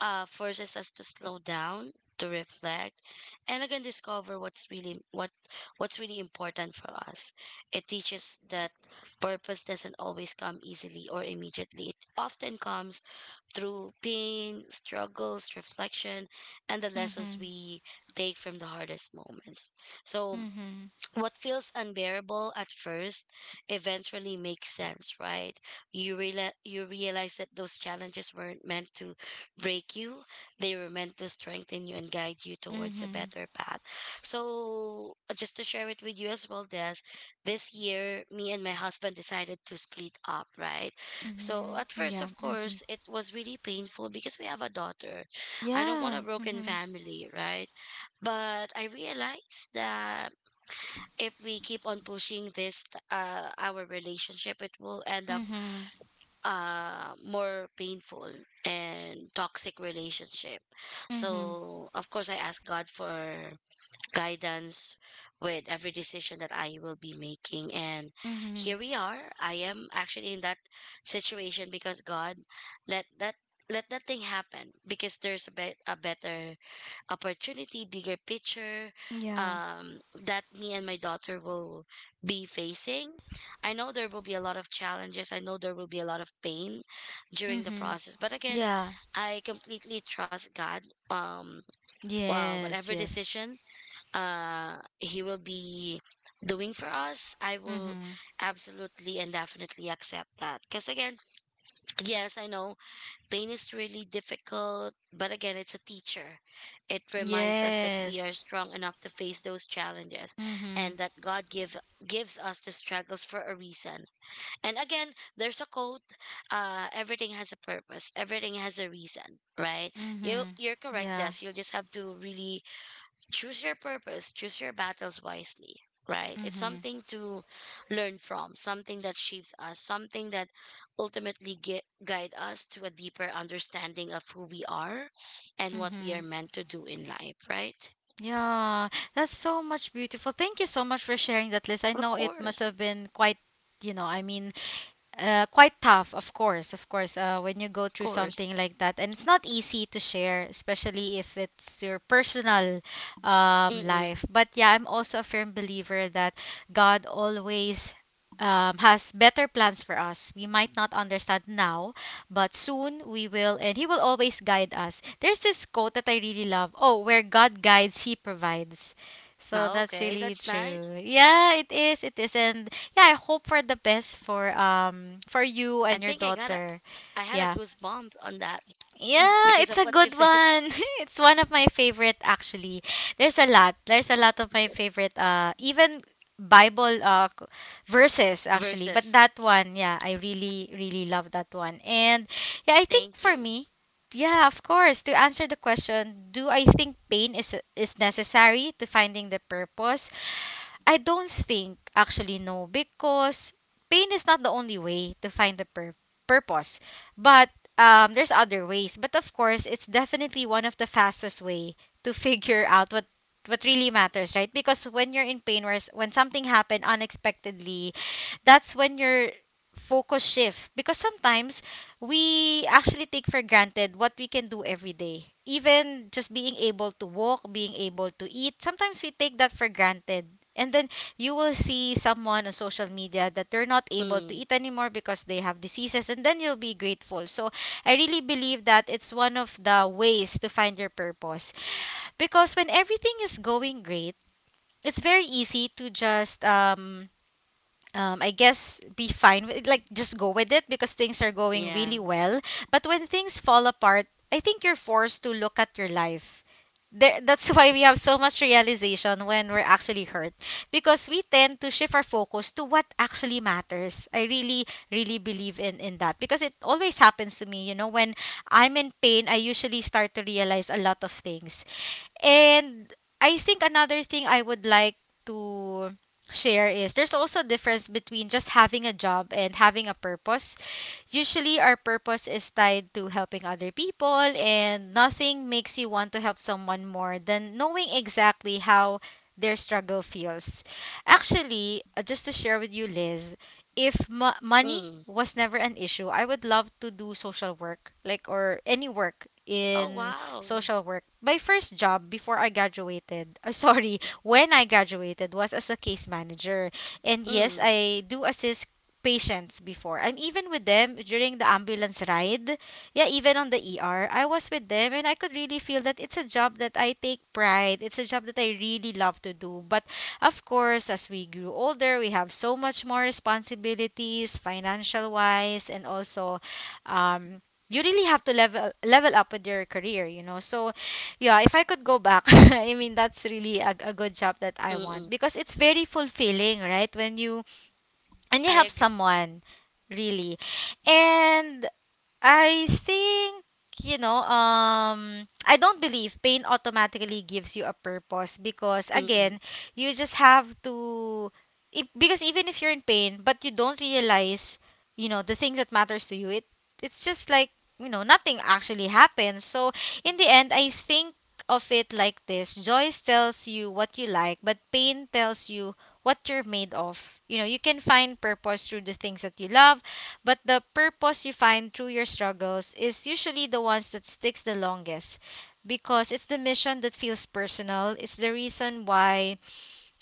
B: forces us to slow down, to reflect, and again discover what what's really important for us. It teaches that purpose doesn't always come easily or immediately. It often comes through pain, struggles, reflection, and the lessons
A: Mm-hmm.
B: we take from the hardest moments. So
A: Mm-hmm.
B: what feels unbearable at first eventually makes sense, right? You realize that those challenges weren't meant to break you, they were meant to strengthen you and guide you towards a
A: Mm-hmm.
B: better path. So, just to share it with you as well, Des, this year me and my husband decided to split up, right? So
A: Mm-hmm.
B: at first
A: Yeah.
B: of
A: Mm-hmm.
B: course it was really painful because we have a daughter. I don't want a
A: Yeah.
B: broken
A: Mm-hmm.
B: family, right? But I realized that if we keep on pushing our relationship, it will end up,
A: Mm-hmm.
B: more painful and toxic relationship.
A: Mm-hmm.
B: So of course I ask God for guidance with every decision that I will be making, and
A: Mm-hmm.
B: here we are. I am actually in that situation because God let that, let that thing happen, because there's a, a better opportunity, bigger picture,
A: Yeah.
B: um, that me and my daughter will be facing. I know there will be a lot of challenges. I know there will be a lot of pain during the
A: Mm-hmm.
B: process. But again,
A: Yeah.
B: I completely trust God. Um, well, whatever
A: Yes, yes.
B: decision, He will be doing for us, I will
A: Mm-hmm.
B: absolutely and definitely accept that. Because again, yes, I know, pain is really difficult, but again, it's a teacher. It reminds us that we are
A: Yes.
B: strong enough to face those challenges, and
A: Mm-hmm.
B: that God gives us the struggles for a reason. And again, there's a quote, everything has a purpose, everything has a reason, right? You
A: Mm-hmm.
B: you're correct,
A: Yeah.
B: Des. You'll just have to really choose your purpose, choose your battles wisely, right? It's
A: Mm-hmm.
B: something to learn from, something that shapes us, something that ultimately guide us to a deeper understanding of who we are and what we are
A: Mm-hmm.
B: meant to do in life, right?
A: Yeah. That's so much beautiful. Thank you so much for sharing that list. I
B: Of
A: know it must
B: course,
A: have been quite, you know, I mean, quite tough, of course, when you go
B: of
A: through something
B: course.
A: like that. And it's not easy to share, especially if it's your personal
B: Mm-mm.
A: life. But yeah, I'm also a firm believer that God always has better plans for us. We might not understand now, but soon we will, and He will always guide us. There's this quote that I really love. Oh, where God guides, He provides. So
B: Oh,
A: that's
B: okay,
A: really
B: that's nice.
A: true. Yeah, it is. It is. And yeah, I hope for the best for you
B: I
A: and your
B: think
A: daughter.
B: I had a
A: Yeah.
B: goosebump on that
A: Yeah,
B: because
A: it's
B: of
A: a
B: what you
A: good
B: said
A: one. It's one of my favorite actually. There's a lot. There's a lot of my favorite even Bible verses actually, but
B: versus.
A: that one, yeah, I really love that one. And yeah, I think
B: Thank
A: for
B: you.
A: me, yeah, of course, to answer the question, do I think pain is necessary to finding the purpose? I don't think actually, no, because pain is not the only way to find the purpose. But there's other ways. But of course, it's definitely one of the fastest way to figure out what really matters, right? Because when you're in pain or when something happened unexpectedly, that's when your focus shift, because sometimes we actually take for granted what we can do every day. Even just being able to walk, being able to eat, sometimes we take that for granted. And then you will see someone on social media that they're not able to
B: Mm,
A: eat anymore because they have diseases, and then you'll be grateful. So I really believe that it's one of the ways to find your purpose. Because when everything is going great, it's very easy to just I guess be fine with, like, just go with it because things are going
B: yeah.
A: really well. But when things fall apart, I think you're forced to look at your life. There, that's why we have so much realization when we're actually hurt, because we tend to shift our focus to what actually matters. I really believe in that, because it always happens to me. You know, when I'm in pain, I usually start to realize a lot of things. And I think another thing I would like to share is there's also a difference between just having a job and having a purpose. Usually, our purpose is tied to helping other people, and nothing makes you want to help someone more than knowing exactly how their struggle feels. Actually, just to share with you, Liz, if money
B: Mm.
A: was never an issue, I would love to do social work, like, or any work
B: Oh,
A: in
B: wow.
A: social work. My first job before I graduated, when I graduated, was as a case manager. And yes,
B: Mm,
A: I do assist patients before. I'm even with them during the ambulance ride. Yeah, even on the ER, I was with them, and I could really feel that it's a job that I take pride. It's a job that I really love to do. But of course, as we grew older, we have so much more responsibilities, financial wise, and also um you really have to level up with your career, you know. So, yeah, if I could go back, I mean, that's really a good job that I
B: mm-mm.
A: want, because it's very fulfilling, right? When you and you help
B: I
A: someone really. And I think, you know, I don't believe pain automatically gives you a purpose, because
B: Mm-mm.
A: again, you just have to, if, because even if you're in pain but you don't realize, you know, the things that matters to you, it's just like, you know, nothing actually happens. So in the end, I think of it like this: joy tells you what you like, but pain tells you what you're made of. You know, you can find purpose through the things that you love, but the purpose you find through your struggles is usually the ones that sticks the longest, because it's the mission that feels personal. It's the reason why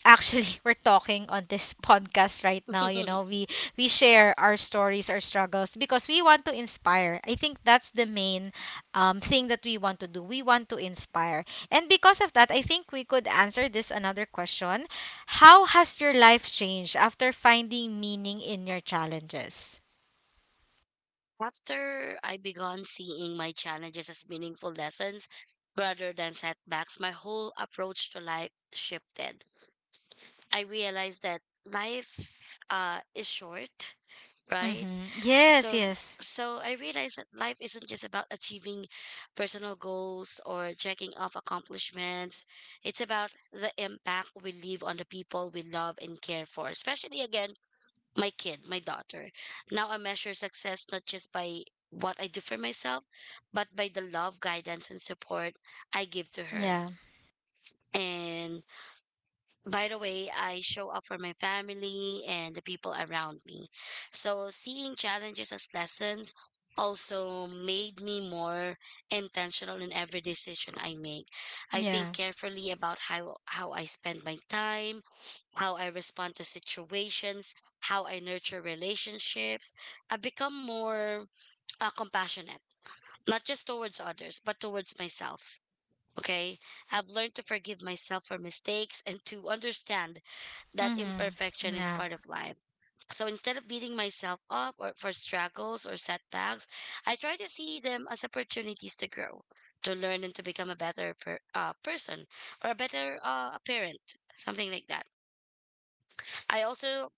A: actually we're talking on this podcast right now, you know. We share our stories, our struggles because we want to inspire. I think that's the main thing that we want to do. We want to inspire. And because of that, I think we could answer this another question. How has your life changed after finding meaning in your challenges?
B: After I began seeing my challenges as meaningful lessons rather than setbacks, my whole approach to life shifted. I realized that life is short, right?
A: Mm-hmm. Yes,
B: So
A: yes.
B: so I realized that life isn't just about achieving personal goals or checking off accomplishments. It's about the impact we leave on the people we love and care for, especially again my kid, my daughter. Now I measure success not just by what I do for myself, but by the love, guidance, and support I give to her.
A: Yeah.
B: And by the way, I show up for my family and the people around me. So seeing challenges as lessons also made me more intentional in every decision I make. I
A: Yeah.
B: think carefully about how I spend my time, how I respond to situations, how I nurture relationships. I become more compassionate, not just towards others, but towards myself. Okay, I've learned to forgive myself for mistakes and to understand that
A: Mm-hmm.
B: imperfection is
A: Yeah.
B: part of life. So instead of beating myself up or for struggles or setbacks, I try to see them as opportunities to grow, to learn, and to become a better person or a better parent, something like that. I also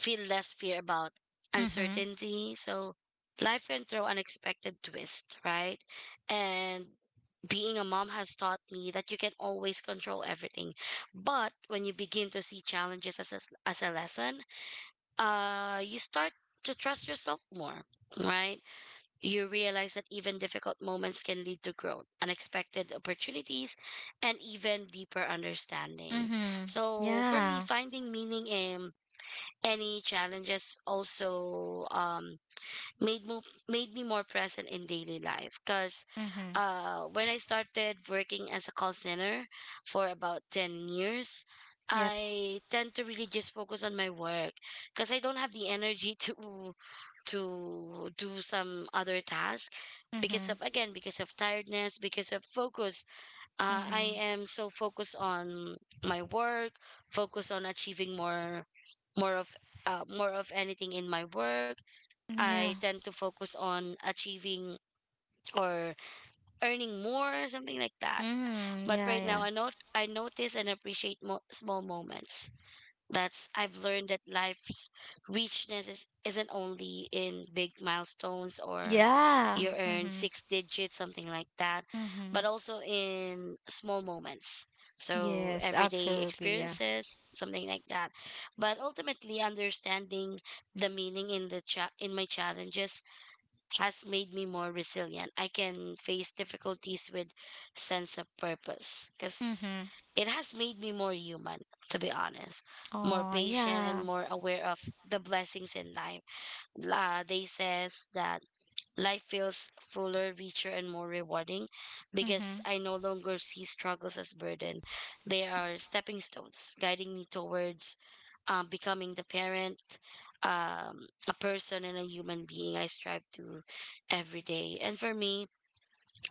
B: feel less fear about
A: Mm-hmm.
B: uncertainty. So life can throw unexpected twist, right? And being a mom has taught me that you can always control everything. But when you begin to see challenges as a lesson, you start to trust yourself more, right? You realize that even difficult moments can lead to growth, unexpected opportunities, and even deeper understanding.
A: Mm-hmm.
B: So for me,
A: Yeah.
B: finding meaning in any challenges also made mo- made me more present in daily life because
A: Mm-hmm.
B: when I started working as a call center for about 10 years,
A: Yep.
B: I tend to really just focus on my work because I don't have the energy to do some other task because
A: Mm-hmm.
B: of again, because of tiredness, because of focus. I
A: Mm-hmm.
B: am so focused on my work, focused on achieving more of, more of anything in my work.
A: Yeah.
B: I tend to focus on achieving or earning more, something like that.
A: Mm-hmm.
B: But
A: Yeah,
B: right now,
A: yeah.
B: I know I notice and appreciate small moments. That's I've learned that life's richness isn't only in big milestones or
A: Yeah.
B: you earn
A: Mm-hmm.
B: six digits, something like that, but
A: Mm-hmm.
B: also in small moments. So
A: Yes,
B: everyday
A: absolutely, yeah.
B: experiences, something like that. But ultimately, understanding the meaning in my challenges has made me more resilient. I can face difficulties with sense of purpose because
A: Mm-hmm.
B: it has made me more human, to be honest, more
A: Oh,
B: patient and
A: yeah.
B: more aware of the blessings in life. La They says that life feels fuller, richer, and more rewarding because
A: Mm-hmm.
B: I no longer see struggles as burden. They are stepping stones, guiding me towards becoming the parent, a person, and a human being I strive to every day. And for me,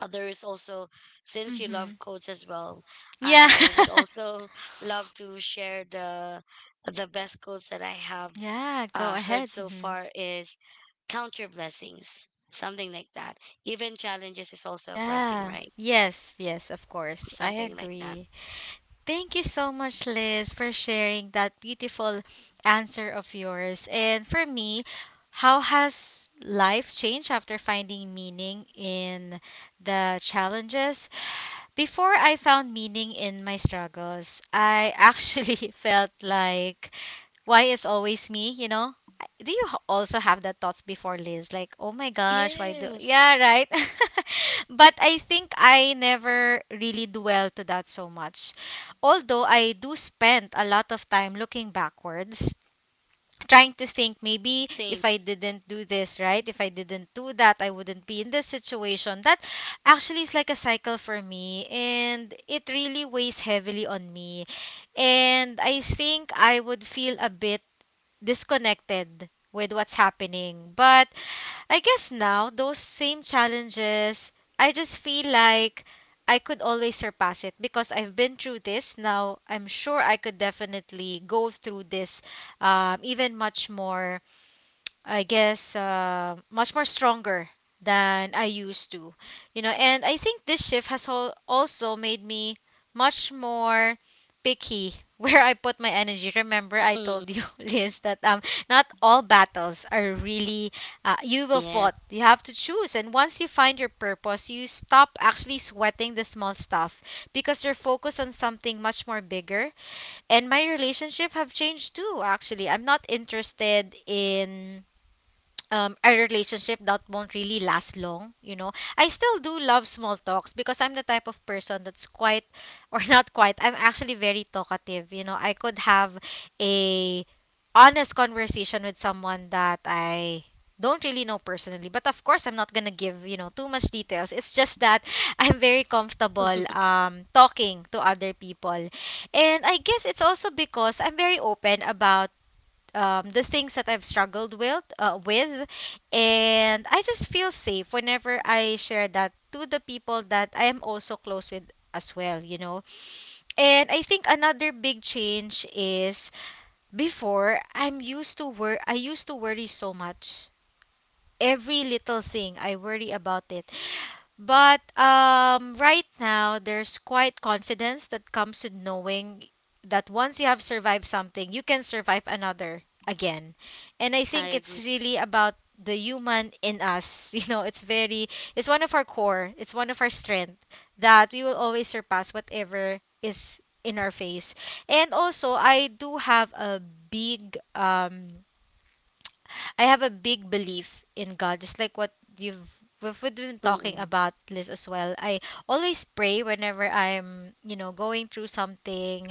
B: there is also, since you
A: Mm-hmm.
B: love quotes as well,
A: Yeah.
B: I would also love to share the best quotes that I have
A: Yeah, go
B: heard
A: ahead.
B: so
A: Mm-hmm.
B: far is count your blessings, something like that. Even challenges is also a blessing,
A: Yeah.
B: right?
A: Yes, yes, of course. I
B: Something like that.
A: agree. Thank you so much, Liz, for sharing that beautiful answer of yours. And for me, how has life changed after finding meaning in the challenges? Before I found meaning in my struggles, I actually felt like, why is always me, you know? I- do you also have that thoughts before, Liz? Like, oh my gosh, why do.
B: Yes,
A: Yeah, right. But I think I never really dwell to that so much. Although I do spend a lot of time looking backwards, trying to think, maybe
B: same.
A: if I didn't do this, right? If I didn't do that, I wouldn't be in this situation. That actually is like a cycle for me, and it really weighs heavily on me. And I think I would feel a bit disconnected with what's happening. But I guess now those same challenges, I just feel like I could always surpass it, because I've been through this. Now I'm sure I could definitely go through this, even much more, I guess, much more stronger than I used to. You know, and I think this shift has also made me much more picky where I put my energy. Remember, I
B: Mm.
A: told you, Liz, that not all battles are really you will
B: Yes.
A: fought. You have to choose, and once you find your purpose, you stop actually sweating the small stuff, because you're focused on something much more bigger. And my relationship have changed too. Actually, I'm not interested in a relationship that won't really last long. You know, I still do love small talks because I'm the type of person that's quite, or not quite, I'm actually very talkative. You know, I could have a honest conversation with someone that I don't really know personally, but of course I'm not going to give, you know, too much details. It's just that I'm very comfortable talking to other people. And I guess it's also because I'm very open about the things that I've struggled with, and I just feel safe whenever I share that to the people that I am also close with as well, you know. And I think another big change is before I'm used to wor, I used to worry so much. Every little thing I worry about it. But right now, there's quite confidence that comes with knowing that once you have survived something, you can survive another again. And I
B: I
A: think it's
B: agree.
A: really about the human in us. It's very, it's one of our core, it's one of our strength that we will always surpass whatever is in our face. And also, I have a big belief in God, just like what you've we've been talking
B: Mm-mm.
A: about, Liz, as well. I always pray whenever I'm going through something,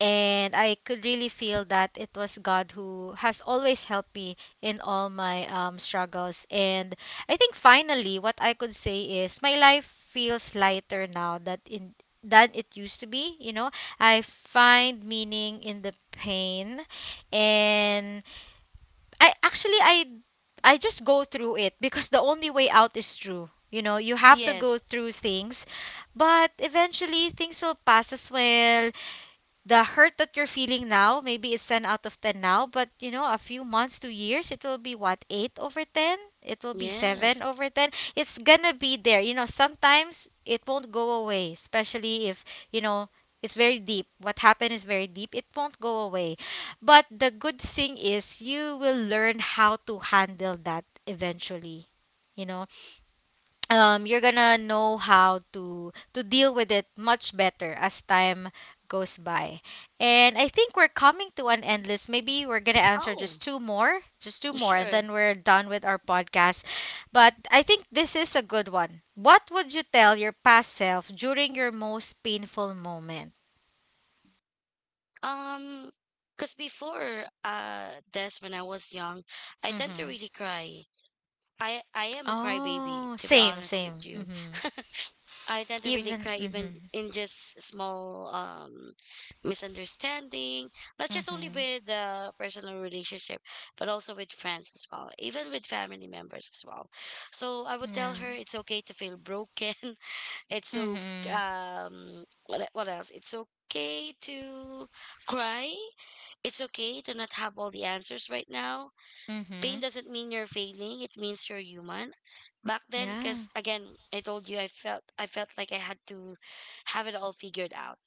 A: and I could really feel that it was God who has always helped me in all my struggles. And I think finally, what I could say is my life feels lighter now that in than it used to be. You know, I find meaning in the pain, and I I just go through it because the only way out is through. You know, you have to
B: Yes,
A: go through things, but eventually things will pass as well. The hurt that you're feeling now, maybe it's 10 out of 10 now, but you know, a few months to years, it will be what, 8 over 10? It will be 7
B: yes.
A: over 10. It's gonna be there. You know, sometimes it won't go away, especially if, you know, it's very deep. What happened is very deep. It won't go away. But the good thing is you will learn how to handle that eventually. You know, you're gonna know how to deal with it much better as time goes by. And I think we're coming to an end list. Maybe we're gonna answer
B: Oh,
A: just two more, and
B: sure.
A: then we're done with our podcast. But I think this is a good one. What would you tell your past self during your most painful moment?
B: Um, because before this, when I was young, I tend to
A: Mm-hmm.
B: really cry. I am a crybaby,
A: Oh,
B: to be
A: same,
B: honest with
A: same.
B: you.
A: Mm-hmm.
B: I tend to really
A: Even.
B: cry
A: Mm-hmm.
B: even in just small misunderstanding, not just only
A: Mm-hmm.
B: with the personal relationship, but also with friends as well, even with family members as well. So I would tell
A: Yeah.
B: her it's okay to feel broken. It's so
A: Mm-hmm.
B: what e- what else? It's okay to cry. It's okay to not have all the answers right now. Pain
A: Mm-hmm.
B: doesn't mean you're failing. It means you're human. Back then,
A: Yeah.
B: because again, I told you I felt like I had to have it all figured out.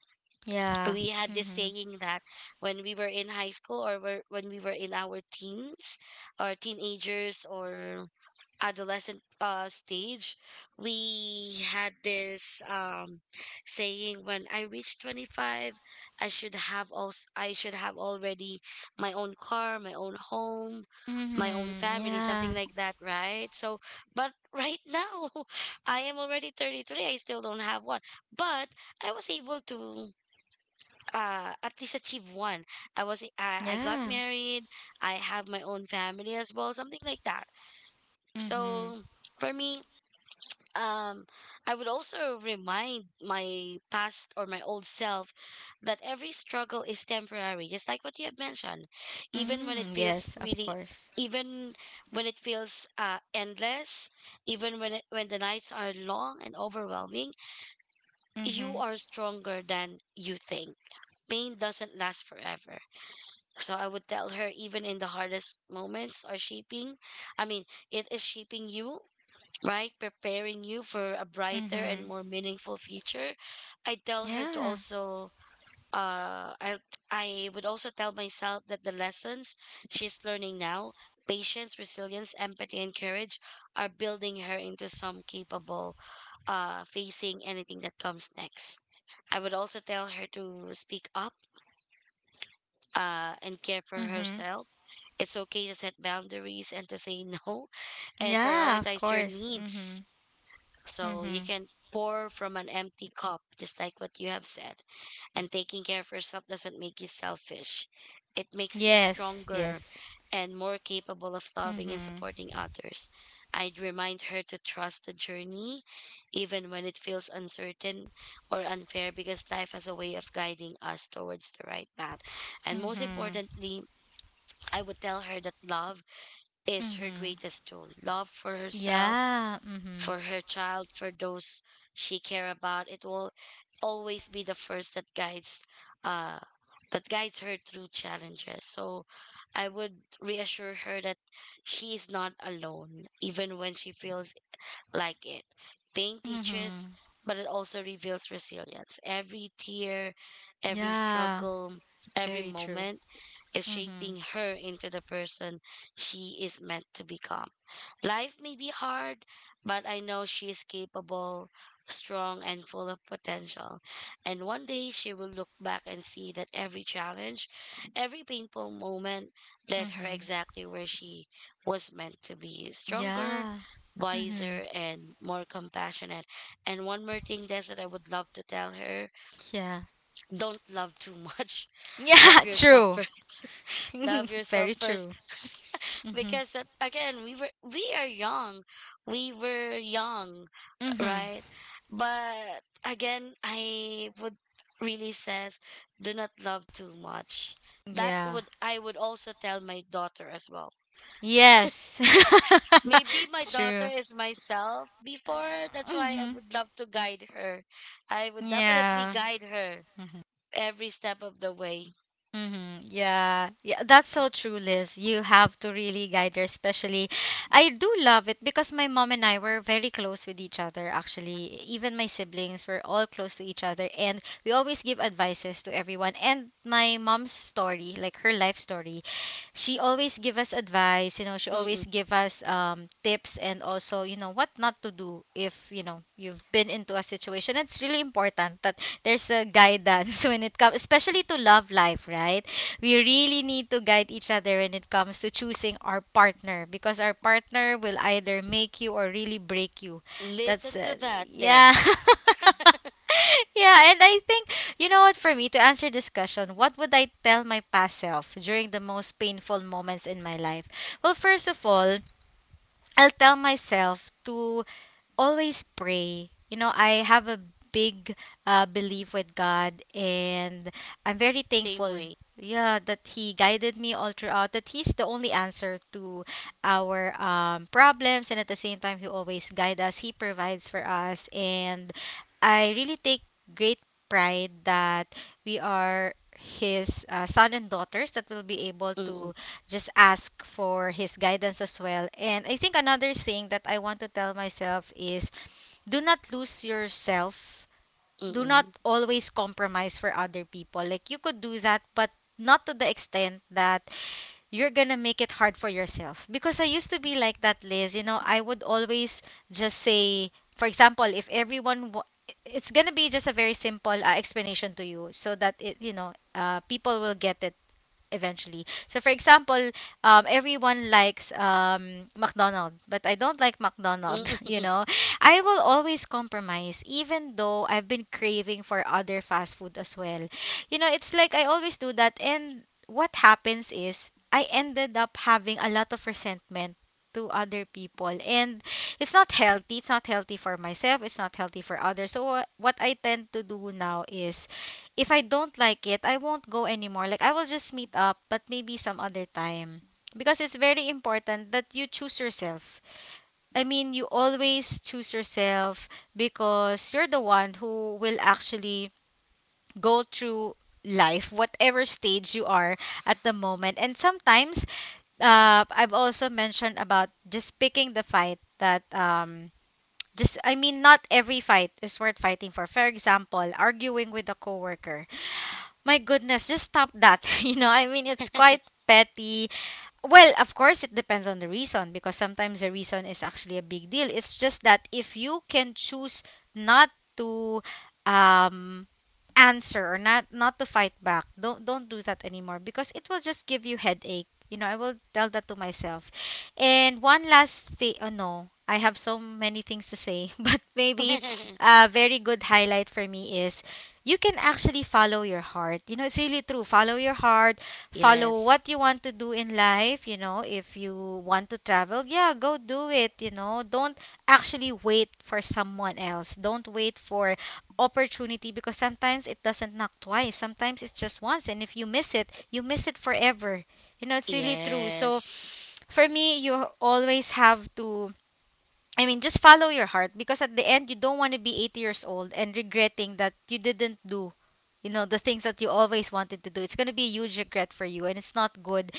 A: Yeah.
B: We had this
A: Mm-hmm.
B: saying that when we were in high school when we were in our teens or teenagers or adolescent stage, we had this saying: "When I reach 25, I should have already my own car, my own home, my own
A: Mm-hmm.
B: family,
A: Yeah.
B: something like that, right?" So, but right now, I am already 33. I still don't have one, but I was able to at least achieve one. I got
A: Yeah.
B: married. I have my own family as well, something like that.
A: Mm-hmm.
B: So for me, um, I would also remind my past or my old self that every struggle is temporary, just like what you have mentioned. Even when it
A: Mm,
B: feels
A: yes, of
B: really,
A: course.
B: even when it feels endless, when the nights are long and overwhelming, you
A: Mm-hmm.
B: are stronger than you think. Pain doesn't last forever. So I would tell her even in the hardest moments are shaping, I mean, it is shaping you, right? Preparing you for a brighter and
A: Mm-hmm.
B: more meaningful future. I tell her to
A: Yeah.
B: also, uh, I, I would also tell myself that the lessons she's learning now, patience, resilience, empathy, and courage, are building her into some capable, facing anything that comes next. I would also tell her to speak up and care for
A: Mm-hmm.
B: herself. It's okay to set boundaries and to say no and
A: Yeah, of
B: prioritize your
A: course. Mm-hmm.
B: needs so you
A: Mm-hmm.
B: can pour from an empty cup, just like what you have said. And taking care of yourself doesn't make you selfish. It makes you
A: Yes,
B: stronger
A: yes.
B: and more capable of loving and
A: Mm-hmm.
B: supporting others. I'd remind her to trust the journey, even when it feels uncertain or unfair, because life has a way of guiding us towards the right path. And most
A: Mm-hmm.
B: importantly, I would tell her that love is her
A: Mm-hmm.
B: greatest tool, love for herself,
A: Yeah. Mm-hmm.
B: for her child, for those she care about. It will always be the first that guides uh her through challenges. So I would reassure her that she is not alone, even when she feels like it. Pain teaches,
A: Mm-hmm.
B: but it also reveals resilience. Every tear, every
A: Yeah.
B: struggle, every
A: Very true.
B: moment is
A: Mm-hmm.
B: shaping her into the person she is meant to become. Life may be hard, but I know she is capable, strong, and full of potential. And one day she will look back and see that every challenge, every painful moment led her
A: Mm-hmm.
B: exactly where she was meant to be: stronger,
A: Yeah. Mm-hmm.
B: wiser, and more compassionate. And one more thing, Des, that I would love to tell her:
A: Yeah.
B: don't love too much. Love
A: Yeah,
B: yourself
A: true.
B: first. Love yourself
A: Very
B: first.
A: true. Mm-hmm.
B: Because again, we are young. We were young,
A: Mm-hmm.
B: right? But again, I would really says do not love too much. That
A: Yeah.
B: would I would also tell my daughter as well.
A: Yes.
B: Maybe my daughter
A: True.
B: is myself before. That's why I
A: Mhm.
B: would love to guide her. I would definitely
A: Yeah.
B: guide her
A: Mm-hmm.
B: every step of the way.
A: Mm-hmm. Yeah, yeah, that's so true, Liz. You have to really guide her, especially. I do love it because my mom and I were very close with each other, actually. Even my siblings were all close to each other, and we always give advices to everyone. And my mom's story, like her life story, she always give us advice. She always
B: Mm-mm.
A: give us tips and also, you know, what not to do if you know you've been into a situation. It's really important that there's a guidance when it comes especially to love life, right? We really need to guide each other when it comes to choosing our partner because our partner will either make you or really break you. That's
B: Listen to that, this,
A: yeah. yeah and I think you know what for me to answer this question, what would I tell my past self during the most painful moments in my life? Well, first of all, I'll tell myself to always pray. You know, I have a big belief with God, and I'm very
B: same
A: thankful.
B: way.
A: Yeah, that He guided me all throughout. That He's the only answer to our problems, and at the same time, He always guides us. He provides for us, and I really take great pride that we are His son and daughters that will be able
B: Mm-mm.
A: to just ask for his guidance as well. And I think another thing that I want to tell myself is do not lose yourself. Do not
B: Mm-mm.
A: always compromise for other people. Like you could do that, but not to the extent that you're gonna make it hard for yourself. Because I used to be like that, Liz. You know, I would always just say, for example, if everyone, wa- it's gonna be just a very simple explanation to you so that people will get it eventually. So for example, everyone likes McDonald, but I don't like McDonald, you
B: Mm-mm.
A: know. I will always compromise even though I've been craving for other fast food as well. You know, it's like I always do that and what happens is I ended up having a lot of resentment to other people and it's not healthy. It's not healthy for myself, it's not healthy for others, so what I tend to do now is if I don't like it, I won't go anymore. Like I will just meet up, but maybe some other time. Because it's very important that you choose yourself. I mean, you always choose yourself because you're the one who will actually go through life, whatever stage you are at the moment. And sometimes, I've also mentioned about just picking the fight that just I mean, not every fight is worth fighting for. For example, arguing with a coworker, my goodness, just stop that. You know, I mean, it's quite petty. Well, of course, it depends on the reason because sometimes the reason is actually a big deal. It's just that if you can choose not to um, answer or not to fight back, don't do that anymore because it will just give you headache. You know, I will tell that to myself. And one last thing. Oh no, I have so many things to say, but maybe a very good highlight for me is you can actually follow your heart. You know, it's really true. Follow your heart, follow
B: Yes.
A: what you want to do in life, you know, if you want to travel, yeah, go do it, you know. Don't actually wait for someone else. Don't wait for opportunity because sometimes it doesn't knock twice. Sometimes it's just once and if you miss it, you miss it forever. You know, it's really true. So
B: Yes.
A: for me, you always have to, I mean, just follow your heart because at the end, you don't want to be 80 years old and regretting that you didn't do, you know, the things that you always wanted to do. It's going to be a huge regret for you and it's not good.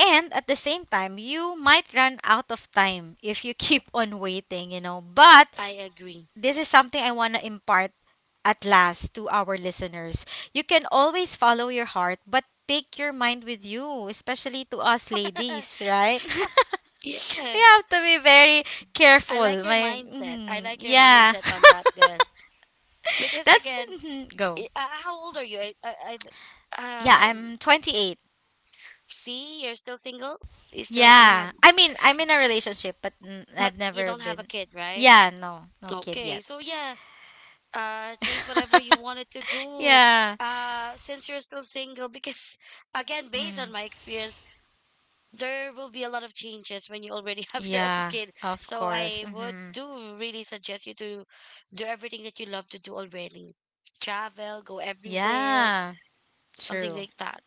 A: And at the same time, you might run out of time if you keep on waiting, you know. But
B: I agree.
A: this is something I want to impart at last to our listeners. You can always follow your heart, but take your mind with you, especially to us ladies, right? We
B: Yes.
A: have to be very
B: I like
A: careful.
B: your
A: My,
B: mindset. I
A: mhm,
B: like your
A: yeah.
B: mindset on that, this. Because
A: That's
B: again,
A: mhm, go.
B: how old are you?
A: Yeah,
B: Um,
A: I'm 28.
B: see, you're still single? You still don't have.
A: Yeah. I mean, I'm in a relationship, but mm,
B: But
A: I've
B: you
A: never
B: don't have a
A: been.
B: kid, right?
A: Yeah, no. No kid
B: Okay,
A: yet.
B: so yeah, chase whatever you wanted to do.
A: Yeah.
B: Since you're still single, because again, based on
A: Hmm.
B: my experience, there will be a lot of changes when you already have your own
A: Yeah,
B: kid.
A: of
B: So
A: course.
B: I would
A: Hmm.
B: do really suggest you to do everything that you love to do already. Travel, go everywhere,
A: Yeah,
B: something
A: true.
B: like that.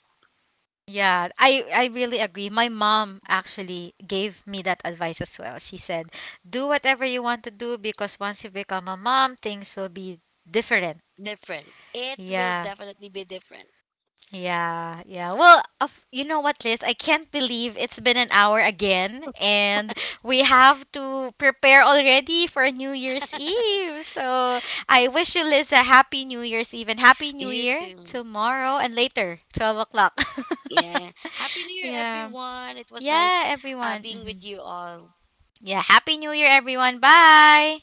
A: Yeah, I really agree. My mom actually gave me that advice as well. She said, "Do whatever you want to do because once you become a mom, things will be different."
B: Different. It will
A: Yeah.
B: definitely be different.
A: Yeah, yeah. Well, of, you know what, Liz? I can't believe it's been an hour again, and we have to prepare already for New Year's Eve. So I wish you, Liz, a happy New Year's Eve and happy New
B: You
A: Year
B: too.
A: tomorrow and later, 12 o'clock.
B: Yeah. Happy New Year,
A: Yeah.
B: everyone. It was nice
A: Yeah, everyone.
B: being
A: Hmm.
B: with you all.
A: Yeah, Happy New Year, everyone. Bye.